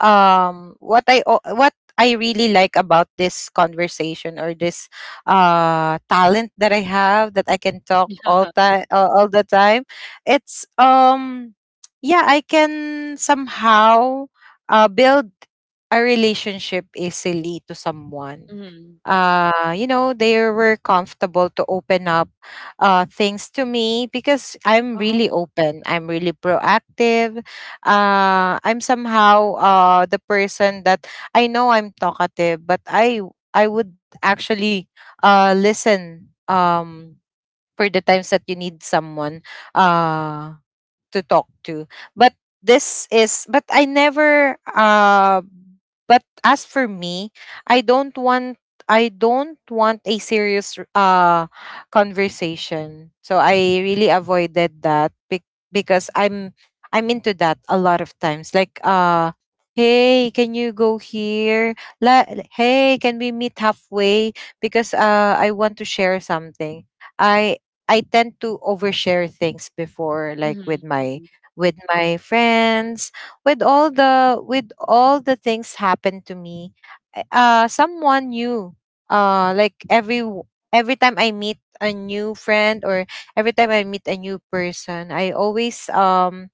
[SPEAKER 2] what I really like about this conversation or this talent that I have that I can talk all
[SPEAKER 1] Yeah.
[SPEAKER 2] time, all the time. It's yeah, I can somehow build a relationship easily to someone.
[SPEAKER 1] Mm-hmm.
[SPEAKER 2] You know they were comfortable to open up things to me because I'm
[SPEAKER 1] Uh-huh.
[SPEAKER 2] really open, I'm really proactive. I'm somehow the person that I know I'm talkative but I would actually listen for the times that you need someone uh to talk to. But this is but I never but as for me I don't want, I don't want a serious conversation, so I really avoided that because I'm into that a lot of times, like, hey, can you go here, La- hey, can we meet halfway because I want to share something. I I tend to overshare things before, like
[SPEAKER 1] Mm-hmm, mm-hmm.
[SPEAKER 2] with my friends, with all the, with all the things happened to me. Someone new. Like every time I meet a new friend or every time I meet a new person, I always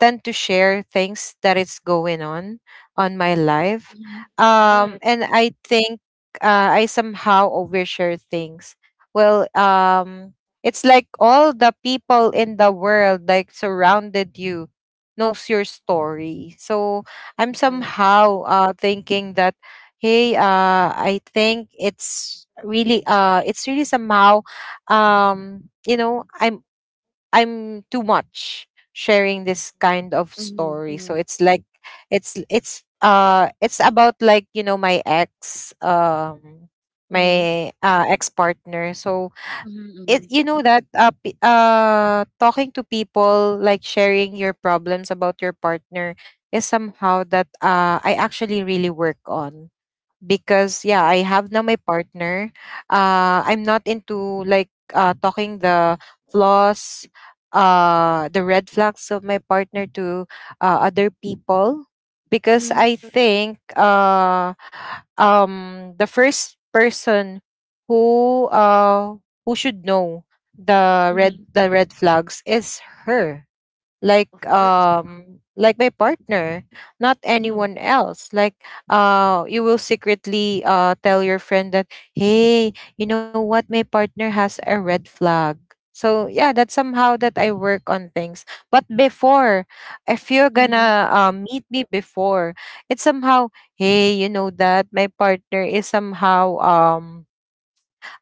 [SPEAKER 2] tend to share things that is going on my life,
[SPEAKER 1] Mhm. Right,
[SPEAKER 2] and I think I somehow overshare things. Well, it's like all the people in the world like surrounded you knows your story, so I'm
[SPEAKER 1] right.
[SPEAKER 2] somehow thinking that, hey, I think it's really somehow, you know, I'm too much sharing this kind of
[SPEAKER 1] Mhm,
[SPEAKER 2] story. So
[SPEAKER 1] mhm,
[SPEAKER 2] it's like, it's, it's about, like, you know, my ex,
[SPEAKER 1] mhm,
[SPEAKER 2] my ex-partner. So
[SPEAKER 1] mhm, mhm.
[SPEAKER 2] it, you know, that talking to people like sharing your problems about your partner is somehow that I actually really work on, because yeah,
[SPEAKER 1] Oh,
[SPEAKER 2] I have now my partner. I'm not into like talking the flaws, the red flags of my partner to other people, because
[SPEAKER 1] mhm,
[SPEAKER 2] I
[SPEAKER 1] sure.
[SPEAKER 2] think the first person who uh who should know
[SPEAKER 1] Mhm,
[SPEAKER 2] the red flags is her,
[SPEAKER 1] of course.
[SPEAKER 2] like my partner, not
[SPEAKER 1] Mhm,
[SPEAKER 2] anyone else. Like you will secretly tell your friend that, hey, you know what, my partner has a red flag. So yeah, that's somehow that I work on things. But before, if you're
[SPEAKER 1] mhm.
[SPEAKER 2] gonna meet me before, it's somehow, hey, you know that my partner is somehow,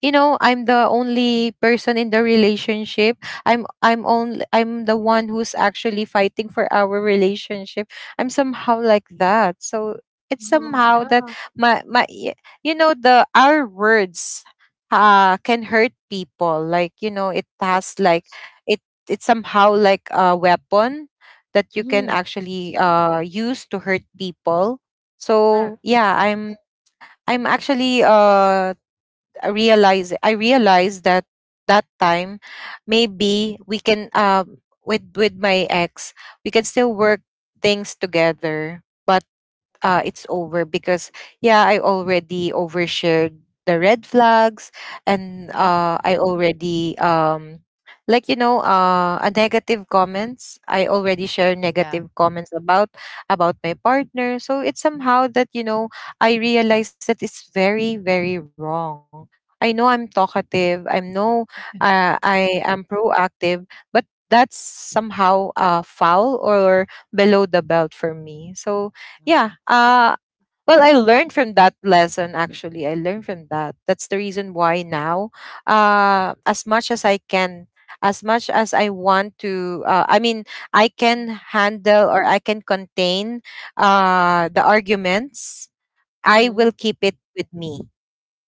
[SPEAKER 2] you know, I'm the only person in the relationship, I'm the one who's actually fighting for our relationship. I'm somehow like that. So it's
[SPEAKER 1] Oh,
[SPEAKER 2] somehow
[SPEAKER 1] yeah,
[SPEAKER 2] that
[SPEAKER 1] of
[SPEAKER 2] my my y- you know the our words can hurt people, like you know it has
[SPEAKER 1] course,
[SPEAKER 2] like,
[SPEAKER 1] yes.
[SPEAKER 2] it, it's somehow like a weapon that you can
[SPEAKER 1] Mhm,
[SPEAKER 2] actually use to hurt people. So
[SPEAKER 1] correct.
[SPEAKER 2] yeah, I'm actually I realized that that time maybe we can, with my ex we can still work things together, but it's over because yeah, I already overshared the red flags, and
[SPEAKER 1] Mhm,
[SPEAKER 2] I already, like you know, a negative comments, I already share
[SPEAKER 3] yeah.
[SPEAKER 2] negative comments about my partner. So it's somehow that, you know, I realize that it's very very wrong. I know I'm talkative, I'm no,
[SPEAKER 3] Mhm.
[SPEAKER 2] I am proactive, but that's somehow foul or below the belt for me. So yeah, well, I learned from that lesson. Actually I learned from that. That's the reason why now, as much as I can, as much as I want to, I mean, I can
[SPEAKER 3] Mhm.
[SPEAKER 2] handle or I can contain the arguments. I will
[SPEAKER 1] mhm,
[SPEAKER 2] keep it with me,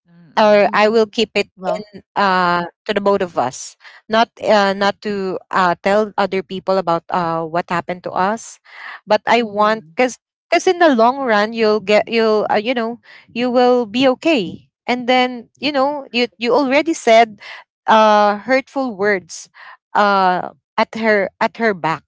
[SPEAKER 3] Mm.
[SPEAKER 2] or I will
[SPEAKER 1] mhm,
[SPEAKER 2] keep it
[SPEAKER 3] Well.
[SPEAKER 2] in to the both of us. Not not to tell other people about what happened to us. But I
[SPEAKER 1] mhm.
[SPEAKER 2] want
[SPEAKER 3] Mm.
[SPEAKER 2] because in the long run you'll get, you'll, you know, you will be okay. And then you know you,
[SPEAKER 1] Right,
[SPEAKER 2] you already said hurtful words uh at her, at her back.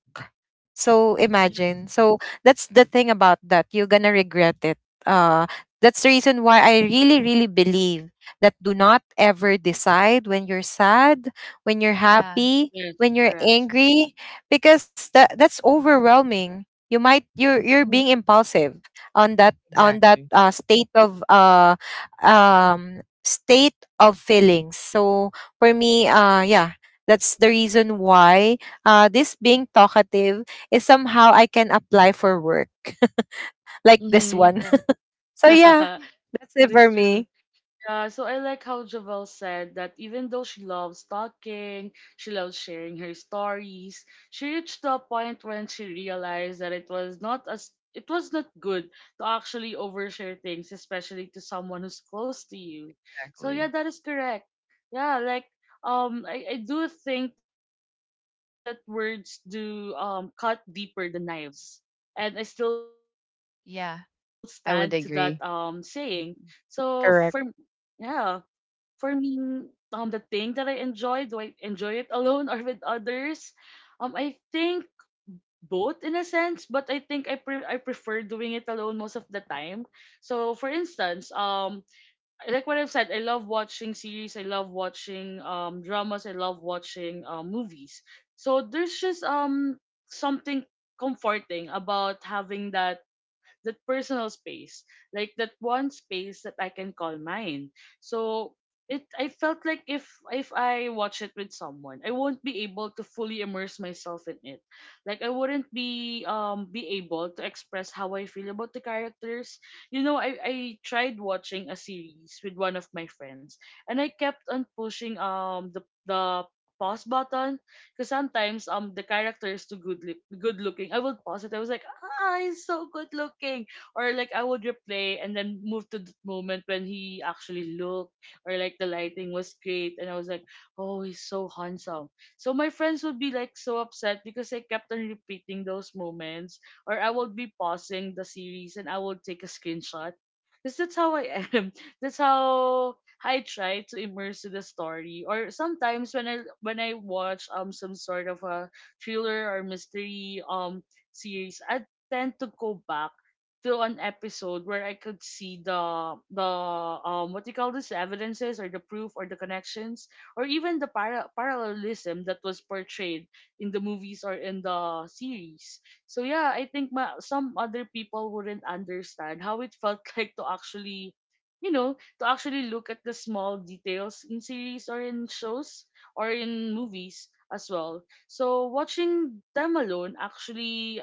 [SPEAKER 2] So
[SPEAKER 1] yes,
[SPEAKER 2] imagine. So that's the thing about that. You're gonna regret it. uh. That's the reason why I really, really believe that do not ever decide when you're sad, when you're
[SPEAKER 3] Yeah.
[SPEAKER 2] happy, when
[SPEAKER 1] yes,
[SPEAKER 2] you're
[SPEAKER 1] correct.
[SPEAKER 2] angry, because that, that's overwhelming. You might, you're being
[SPEAKER 1] Mhm,
[SPEAKER 2] impulsive on that, on that
[SPEAKER 1] true.
[SPEAKER 3] Exactly,
[SPEAKER 2] state of feelings. So for me, yeah, that's the reason why this being talkative is somehow I can apply for work like this
[SPEAKER 1] Mhm,
[SPEAKER 2] one.
[SPEAKER 1] right.
[SPEAKER 2] So yeah, that's
[SPEAKER 1] That
[SPEAKER 2] it
[SPEAKER 1] is
[SPEAKER 2] for
[SPEAKER 1] true.
[SPEAKER 2] me.
[SPEAKER 1] Yeah, so I like how Javel said that even though she loves talking, she loves sharing her stories, she reached a point when she realized that it was not— as it was not good to actually overshare things, especially to someone who's close to you. So yeah,
[SPEAKER 3] exactly.
[SPEAKER 1] that is correct. Yeah, like I do think that words do cut deeper than knives. And I still stand to that
[SPEAKER 3] Yeah,
[SPEAKER 1] saying.
[SPEAKER 3] I would
[SPEAKER 1] So
[SPEAKER 3] agree.
[SPEAKER 1] for yeah
[SPEAKER 2] Correct.
[SPEAKER 1] for me, mm, the thing that I enjoy, do I enjoy it alone or with others? I think both in a sense, but I think I prefer doing it alone most of the time. So, for instance, like what I've said, I love watching series, I love watching dramas, I love watching movies. So there's just something comforting about having that personal space, like that one space that I can call mine. So it— I felt like if I watch it with someone, I won't be able to fully immerse myself in it. Like I wouldn't be able to express how I feel about the characters. You know, I tried watching a series with one of my friends, and I kept on pushing the pause button because sometimes the character is too good looking. I would pause it. I was like, ah, he's so good looking. Or like I would replay and then move to the moment when he actually looked or like the lighting was great and I was like, oh, he's so handsome. So my friends would be like so upset because I kept on repeating those moments or I would be pausing the series and I would take a screenshot. Because that's how I am. That's how I try to immerse to the story. Or sometimes when I watch some sort of a thriller or mystery series, I tend to go back to an episode where I could see the what do you call this, the evidences or the proof or the connections or even the parallelism that was portrayed in the movies or in the series. So yeah, I think some other people wouldn't understand how it felt like to actually to actually look at the small details in series or in shows or in movies as well. So watching them alone actually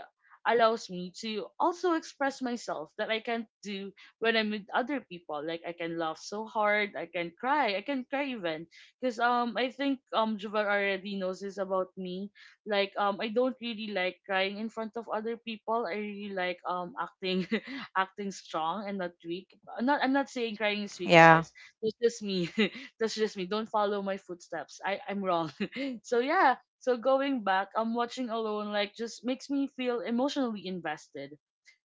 [SPEAKER 1] allows me to also express myself that I can't do when I'm with other people. Like I can laugh so hard, I can cry even because I think Juvar already knows this about me. Like I don't really like crying in front of other people. I really like acting acting strong and not weak. I'm not saying crying is weak, guys.
[SPEAKER 2] Yeah.
[SPEAKER 1] That's just me. That's just me. Don't follow my footsteps. I'm wrong. So yeah, so going back, I'm watching alone like just makes me feel emotionally invested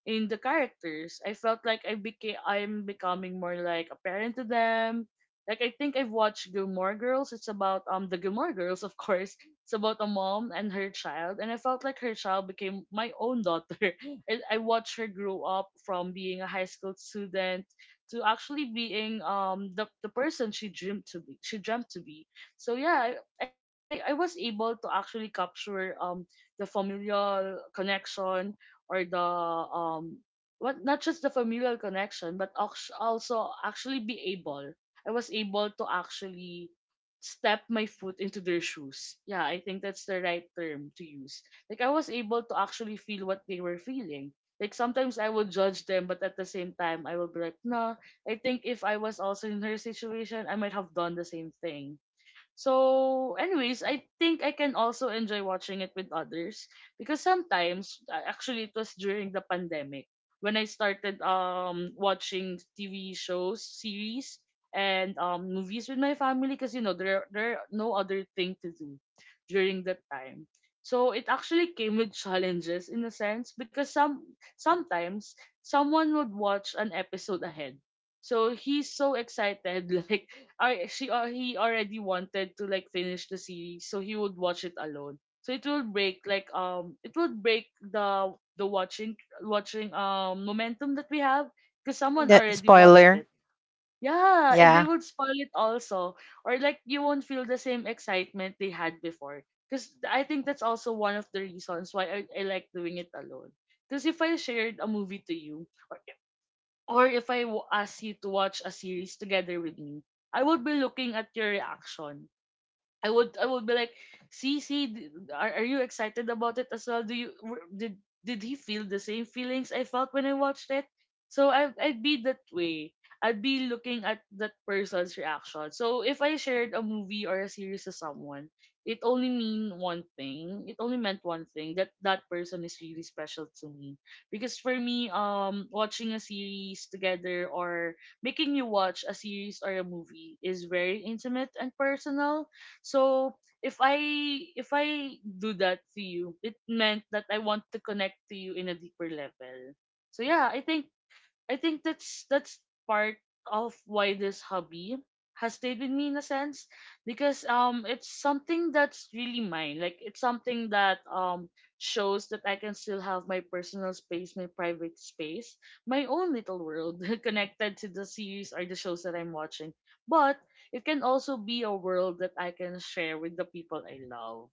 [SPEAKER 1] in the characters. I felt like I'm becoming more like a parent to them. Like I think I've watched Gilmore Girls. It's about the Gilmore Girls, of course. It's about a mom and her child, and I felt like her child became my own daughter. And I watched her grow up from being a high school student to actually being the person she dreamed to be. She dreamt to be. So yeah, I was able to actually capture the familial connection or the um what, not just the familial connection but also actually be able I was able to actually step my foot into their shoes. Yeah, I think that's the right term to use. Like I was able to actually feel what they were feeling. Like sometimes I would judge them, but at the same time I would be like, "Nah, I think if I was also in her situation, I might have done the same thing." So, anyways, I think I can also enjoy watching it with others because sometimes, actually, it was during the pandemic when I started watching TV shows, series, and movies with my family because you know there are no other thing to do during that time. So it actually came with challenges in a sense because sometimes someone would watch an episode ahead. So he's so excited like I she he already wanted to like finish the series, so he would watch it alone. So it will break like it will break the watching momentum that we have because someone
[SPEAKER 2] That
[SPEAKER 1] already watched
[SPEAKER 2] spoiler.
[SPEAKER 1] it. Yeah, and they
[SPEAKER 2] Yeah.
[SPEAKER 1] would spoil it also, or like you won't feel the same excitement they had before. Because I think that's also one of the reasons why I like doing it alone. Because if I shared a movie to you, or if ask you to watch a series together with me, I would be looking at your reaction. I would be like, see, see, are you excited about it as well? Do you were- did he feel the same feelings I felt when I watched it? So I'd be that way. I'd be looking at that person's reaction. So if I shared a movie or a series to someone, It only meant one thing, that that person is really special to me. Because for me, watching a series together or making you watch a series or a movie is very intimate and personal. So if I, if I do that to you, it meant that I want to connect to you in a deeper level. So yeah, I think that's part of why this hobby has stayed with me in a sense because it's something that's really mine. Like it's something that shows that I can still have my personal space, my private space, my own little world connected to the series or the shows that I'm watching. But it can also be a world that I can share with the people I love.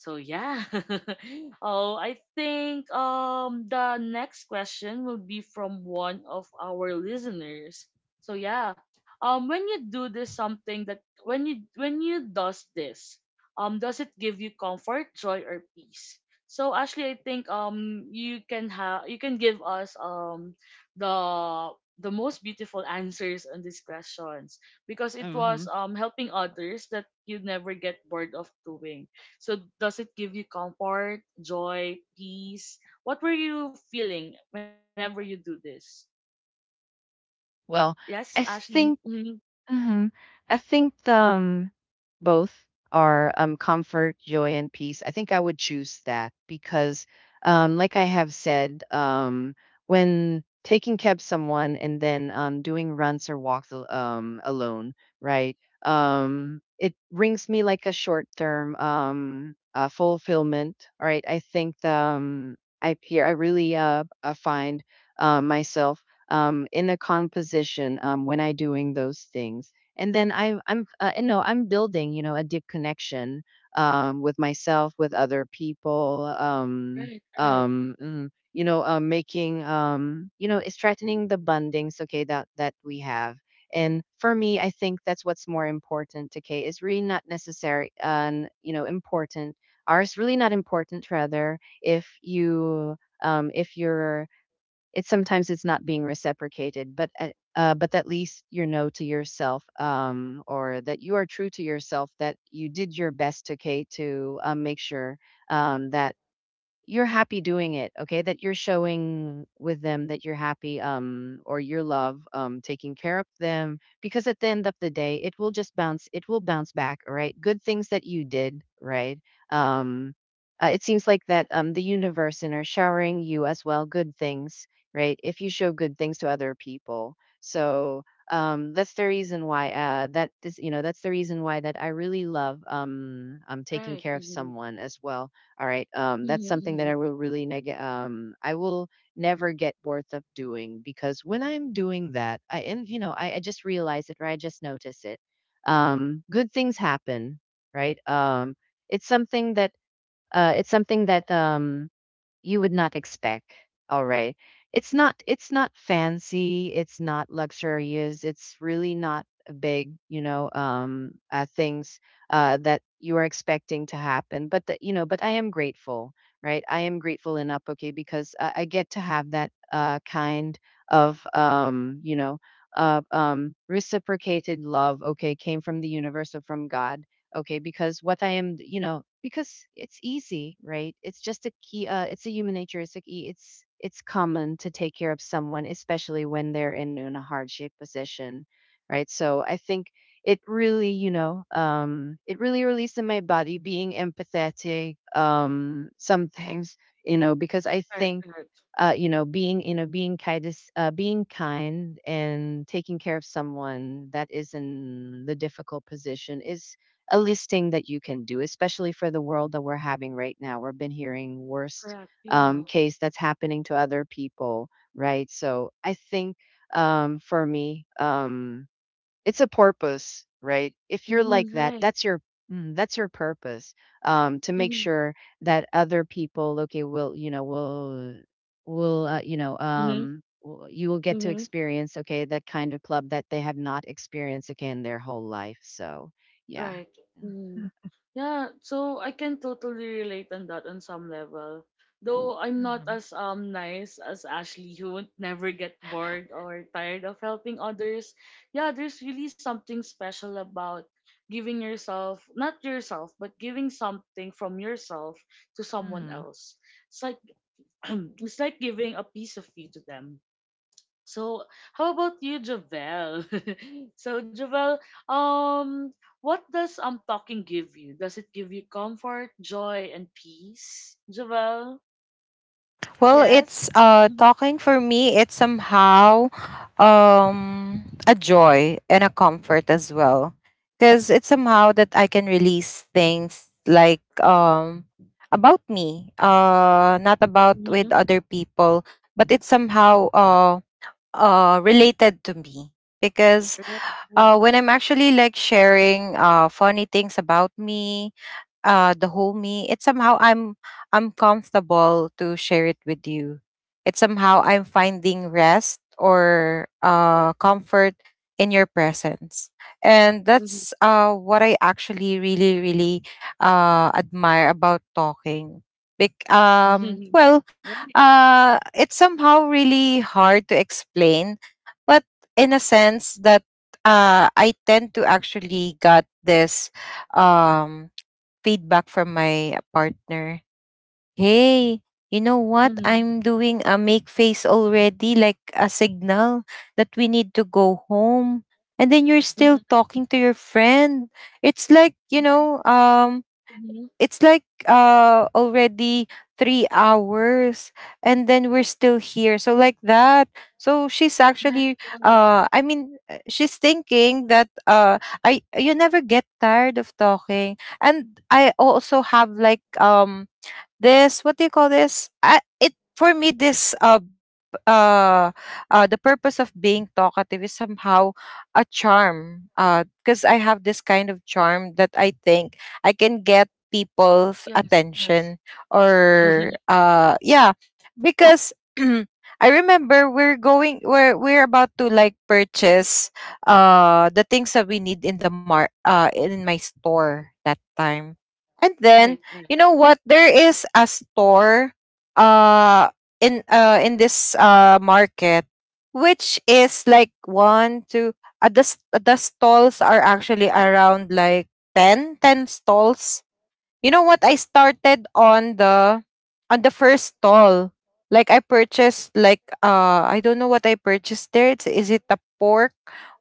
[SPEAKER 1] So yeah. Oh, I think the next question will be from one of our listeners. So yeah. When you do this, something that when you does this, does it give you comfort, joy or peace? So Ashley, I think you can give us the most beautiful answers on these questions because it was
[SPEAKER 3] Mhm.
[SPEAKER 1] helping others that you never get bored of doing. So does it give you comfort, joy, peace? What were you feeling whenever you do this?
[SPEAKER 3] Well,
[SPEAKER 1] Yes,
[SPEAKER 3] I
[SPEAKER 1] Ashley.
[SPEAKER 3] think,
[SPEAKER 1] Mm-hmm.
[SPEAKER 3] hmm, I think both are, comfort, joy, and peace. I think I would choose that because, like I have said, when taking care of someone and then doing runs or walks alone, right? It brings me like a short term fulfillment. All right. I think I here I really find myself in the composition when I doing those things. And then and no, I'm building, you know, a deep connection with myself, with other people.
[SPEAKER 1] Right, right,
[SPEAKER 3] You know, making, you know, it's strengthening the bondings, okay, that we have. And for me, I think that's what's more important. Okay, it's really not necessary, and, you know, important. Ours really not important. Rather, if you, if you're, it's sometimes it's not being reciprocated but but at least you know to yourself, or that you are true to yourself that you did your best, okay, to make sure that you're happy doing it, okay? That you're showing with them that you're happy, or your love, taking care of them. Because at the end of the day, it will just bounce. It will bounce back, all right? Good things that you did, right? Um, it seems like that the universe and are showering you as well good things, right? If you show good things to other people, so that's the reason why that is, you know, that's the reason why that I really love taking
[SPEAKER 1] right.
[SPEAKER 3] care of
[SPEAKER 1] Mm-hmm.
[SPEAKER 3] someone as well, all right. That's something that
[SPEAKER 1] Mm-hmm.
[SPEAKER 3] I will really I will never get bored of doing because when I'm doing that, I and you know, I just realize it or I just notice it. Good things happen, right? It's something that it's something that you would not expect. All right. It's not fancy, it's not luxurious, it's really not a big, you know, things that you are expecting to happen, but that you know, but I am grateful, right? I am grateful in, okay, because I get to have that kind of, you know, reciprocated love, okay, came from the universe or from God, okay, because what I am, you know, because it's easy, right? It's just a key, it's a human nature, it's a key, it's common to take care of someone, especially when they're in a hardship position, right? So I think it really, you know, it really released in my body being empathetic, some things, you know, because I
[SPEAKER 1] Right,
[SPEAKER 3] think
[SPEAKER 1] right.
[SPEAKER 3] you know, being kind, being kind, and taking care of someone that is in the difficult position is a listing that you can do, especially for the world that we're having right now. We've been hearing worst
[SPEAKER 1] Correct. Yeah.
[SPEAKER 3] case that's happening to other people, right? So I think for me, it's a purpose, right? If you're like
[SPEAKER 1] Mm-hmm.
[SPEAKER 3] that,
[SPEAKER 1] Right.
[SPEAKER 3] that's your, mm, that's your purpose to make sure that other people, okay, will, you know, will you know,
[SPEAKER 1] Mm-hmm.
[SPEAKER 3] you will get to
[SPEAKER 1] Mm-hmm.
[SPEAKER 3] experience, okay, that kind of club that they have not experienced again their whole life. So yeah.
[SPEAKER 1] Right. Yeah, so I can totally relate on that on some level. Though I'm not as nice as Ashley, who would never get bored or tired of helping others. Yeah, there's really something special about giving yourself, not yourself, but giving something from yourself to someone
[SPEAKER 3] Hmm.
[SPEAKER 1] else. It's like it's like giving a piece of you to them. So, how about you, Javel? So, Javel, um, what does talking give you? Does it give you comfort, joy, and peace, Javel?
[SPEAKER 2] Well, it's
[SPEAKER 1] Yes. Hmm.
[SPEAKER 2] talking for me, it's somehow a joy and a comfort as well. Cuz it's somehow that I can release things like, about me, not about
[SPEAKER 1] Mm-hmm.
[SPEAKER 2] with other people, but it's somehow related to me because,
[SPEAKER 1] Right, right,
[SPEAKER 2] when I'm actually like sharing funny things about me, the whole me, it's somehow I'm comfortable to share it with you. It's somehow I'm finding rest or
[SPEAKER 1] right.
[SPEAKER 2] comfort in your presence, and
[SPEAKER 1] Mm-hmm.
[SPEAKER 2] that's what I actually really really admire about talking.
[SPEAKER 1] Right.
[SPEAKER 2] Well,
[SPEAKER 1] Right.
[SPEAKER 2] it's somehow really hard to explain, but in a sense that I tend to actually got this um feedback from my partner. Hey, you know what,
[SPEAKER 1] Hmm.
[SPEAKER 2] I'm doing a make face already, like a signal that we need to go home. And then you're still
[SPEAKER 1] Hmm.
[SPEAKER 2] talking to your friend. It's like, you know, it's like already 3 hours and then we're still here, so like that. So she's
[SPEAKER 1] Right,
[SPEAKER 2] actually
[SPEAKER 1] right.
[SPEAKER 2] she's thinking that I, you never get tired of talking. And I also have like, this what do you call this, I, it, for me this uh, the purpose of being talkative is somehow a charm. Because I have this kind of charm that I think I can get people's
[SPEAKER 1] Yes, yes.
[SPEAKER 2] attention, or yeah, because. I remember we're going, we're about to like purchase the things that we need in the mar in my store that time. And then
[SPEAKER 1] Right, right.
[SPEAKER 2] you know what? There is a store. Uh, in this market, which is like one two, the stalls are actually around like 10 stalls. You know what? I started on the first stall. Like, I purchased, like, I don't know what I purchased there. It's, is it the pork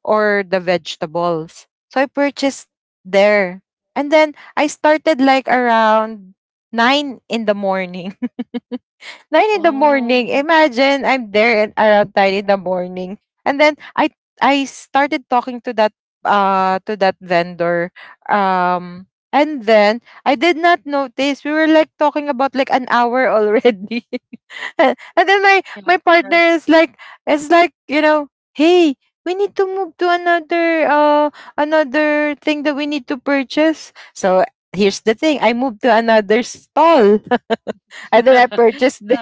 [SPEAKER 2] or the vegetables? So I purchased there. And then I started like around 9 in the morning, 9 in the morning.
[SPEAKER 1] Oh,
[SPEAKER 2] Imagine I'm there, and around 9 in the morning, and then I started talking to that, to that vendor. um and then I did not notice we were like talking about like an hour already. And then my
[SPEAKER 1] yes,
[SPEAKER 2] partner
[SPEAKER 1] yes.
[SPEAKER 2] is like, it's like, hey, we need to move to another, another thing that we need to purchase. So here's the thing, I moved to another stall and then
[SPEAKER 1] Yeah.
[SPEAKER 2] I purchased there.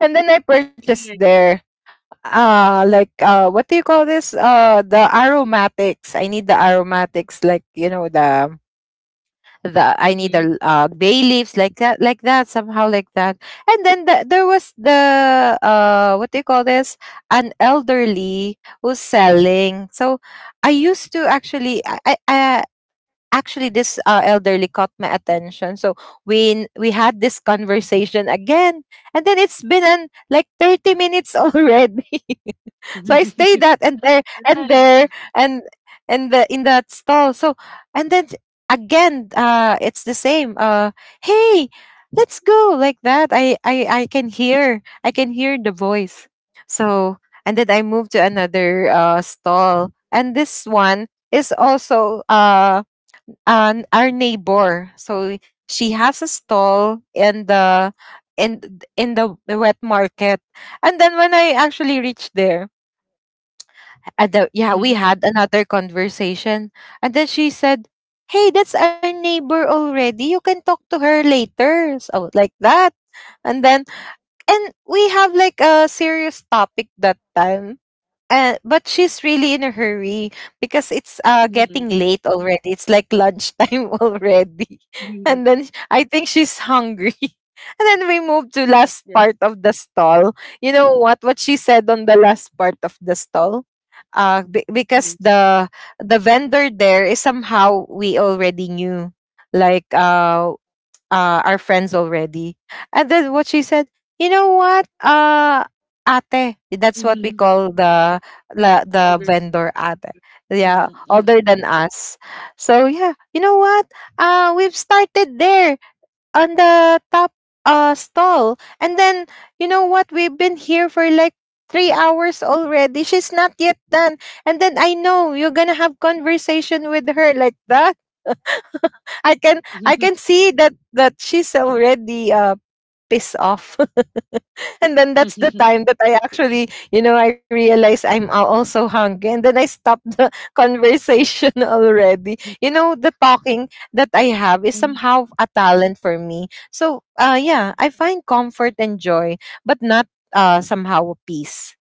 [SPEAKER 2] And then I
[SPEAKER 1] Yeah,
[SPEAKER 2] purchased
[SPEAKER 1] yeah.
[SPEAKER 2] there, like, what do you call this? The aromatics. I need the aromatics, like, you know, the I need
[SPEAKER 1] Hmm.
[SPEAKER 2] the, bay leaves, like that, somehow like that. And then, there was the, what do you call this? An elderly who's selling. So I used to actually, I actually this, elderly caught my attention. So we had this conversation again, and then it's been, like, 30 minutes already. So I stayed that and there, and
[SPEAKER 1] Right.
[SPEAKER 2] there and the in that stall. So, and then again, it's the same, hey, let's go, like that. I can hear I can hear the voice. So, and then I moved to another, stall, and this one is also, and our neighbor. So she has a stall in the wet market. And then when I actually reached there, yeah, we had another conversation. And then she said, "Hey, that's our neighbor already. You can talk to her later." So like that. And then and we have like a serious topic that time. But she's really in a hurry because it's
[SPEAKER 1] Mm-hmm.
[SPEAKER 2] getting late already. It's like lunchtime already.
[SPEAKER 1] Mhm.
[SPEAKER 2] And then I think she's hungry. And then we moved to
[SPEAKER 1] Correct,
[SPEAKER 2] last
[SPEAKER 1] yes.
[SPEAKER 2] part of the stall. You know what she said on the last part of the stall? Because
[SPEAKER 1] Yes.
[SPEAKER 2] the vendor there is somehow we already knew. Like, our friends already. And then what she said, you know what? Ate. That's what we
[SPEAKER 1] Mhm.
[SPEAKER 2] call the
[SPEAKER 1] Others.
[SPEAKER 2] vendor ate. Yeah,
[SPEAKER 1] Mhm. Ah.
[SPEAKER 2] older than us. So yeah, you know what? We've started there on the top, stall, and then you know what? We've been here for like 3 hours already. She's not yet done, and then I know you're gonna have conversation with her like that. I can see that she's already, pissed off. And then that's the time that I actually, you know, I realize I'm also hungry. And then I stop the conversation already. You know, the talking that I have is
[SPEAKER 1] Mhm.
[SPEAKER 2] somehow a talent for me. So, yeah, I find comfort and joy, but not, somehow, peace.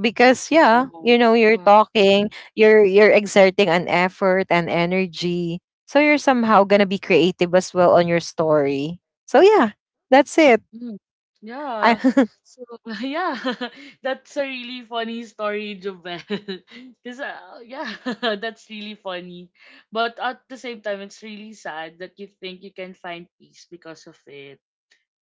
[SPEAKER 2] Because, yeah,
[SPEAKER 1] Oh.
[SPEAKER 2] you know, you're
[SPEAKER 1] Yeah.
[SPEAKER 2] talking, you're exerting an effort and energy, so you're somehow gonna be creative as well on your story. So yeah, that's it.
[SPEAKER 1] Mhm. Yeah.
[SPEAKER 2] I,
[SPEAKER 1] So yeah, that's a really funny story, Jovel. Because yeah, that's really funny. But at the same time, it's really sad that you think you can find peace because of it.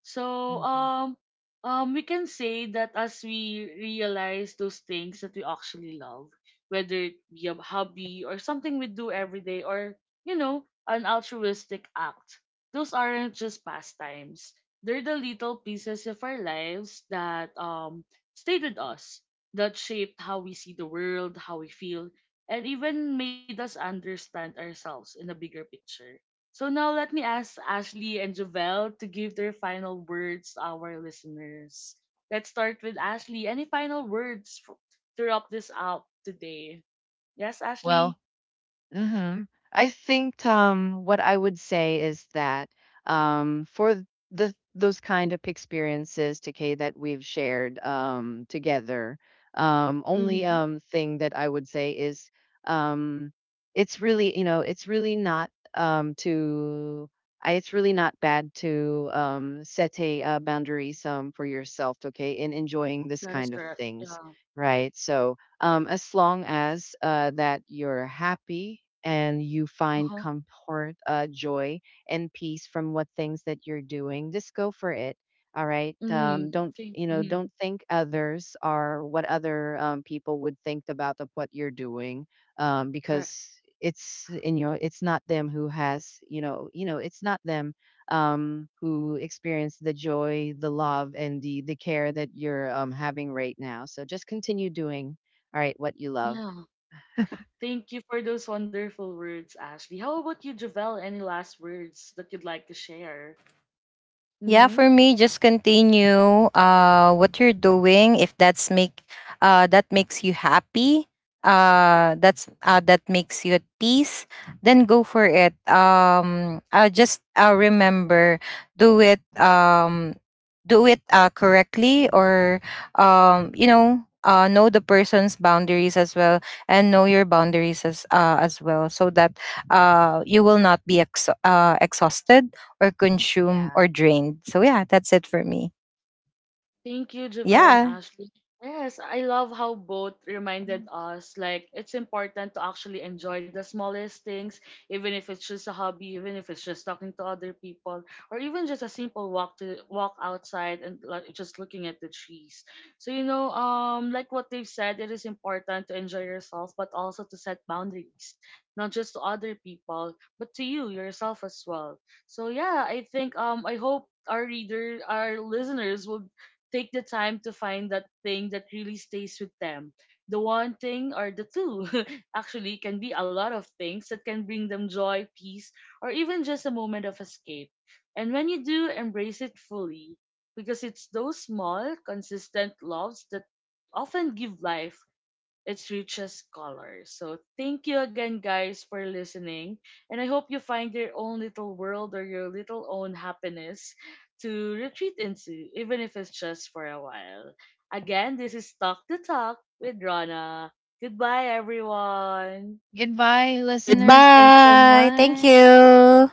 [SPEAKER 1] So
[SPEAKER 3] Hmm.
[SPEAKER 1] um we can say that as we realize those things that we actually love, whether it be a hobby or something we do every day or you know, an altruistic act, those aren't just pastimes. They're the little pieces of our lives that stayed with us, that shaped how we see the world, how we feel, and even made us understand ourselves in a bigger picture. So now let me ask Ashley and Jovel to give their final words to our listeners. Let's start with Ashley. Any final words to wrap this up today? Yes,
[SPEAKER 3] Well,
[SPEAKER 1] Ashley?
[SPEAKER 3] hmm, I think what I would say is that for the those kind of experiences, Takay, that we've shared together, only
[SPEAKER 1] Mm-hmm.
[SPEAKER 3] thing that I would say is um, it's really, you know, it's really not, it's really not bad to set a, boundaries for yourself, okay, in enjoying this
[SPEAKER 1] That is
[SPEAKER 3] kind of
[SPEAKER 1] correct.
[SPEAKER 3] things,
[SPEAKER 1] Yeah.
[SPEAKER 3] right? So as long as that you're happy and you find
[SPEAKER 1] Uh-huh.
[SPEAKER 3] comfort, joy, and peace from what things that you're doing, just go for it. All right.
[SPEAKER 1] Mm-hmm.
[SPEAKER 3] Don't,
[SPEAKER 1] Thank-
[SPEAKER 3] you know,
[SPEAKER 1] mm-hmm.
[SPEAKER 3] don't think others are what other, people would think about of what you're doing,
[SPEAKER 1] Correct.
[SPEAKER 3] because it's in your. It's not them who has, you know, you know, it's not them who experience the joy, the love, and the care that you're, having right now. So just continue doing, all right, what you love.
[SPEAKER 1] Yeah. Thank you for those wonderful words, Ashley. How about you, Jovel? Any last words that you'd like to share?
[SPEAKER 2] yeah,
[SPEAKER 1] Mm-hmm.
[SPEAKER 2] for me, just continue, what you're doing. If that's make That makes you happy, that makes you at peace, then go for it. Just, remember, do it. Do it, correctly, or, you know the person's boundaries as well, and know your boundaries as well, so that, you will not be exhausted or consume
[SPEAKER 3] Yeah.
[SPEAKER 2] or drained. So yeah, that's it for me.
[SPEAKER 1] Thank you, Javel and
[SPEAKER 2] Yeah.
[SPEAKER 1] Ashley. Yes, I love how both reminded
[SPEAKER 3] Mm.
[SPEAKER 1] us like it's important to actually enjoy the smallest things, even if it's just a hobby, even if it's just talking to other people, or even just a simple walk to walk outside and like, just looking at the trees. So you know, like what they've said, it is important to enjoy yourself, but also to set boundaries, not just to other people, but to you yourself as well. So yeah, I think I hope our reader, our listeners will take the time to find that thing that really stays with them. The one thing or the two actually can be a lot of things that can bring them joy, peace, or even just a moment of escape. And when you do, embrace it fully because it's those small, consistent loves that often give life its richest color. So thank you again, guys, for listening. And I hope you find your own little world or your little own happiness to retreat into, even if it's just for a while. Again, this is Talk to Talk with Rana. Goodbye, everyone.
[SPEAKER 3] Goodbye, listeners. Thanks so
[SPEAKER 2] Goodbye. Thank
[SPEAKER 3] much.
[SPEAKER 2] you.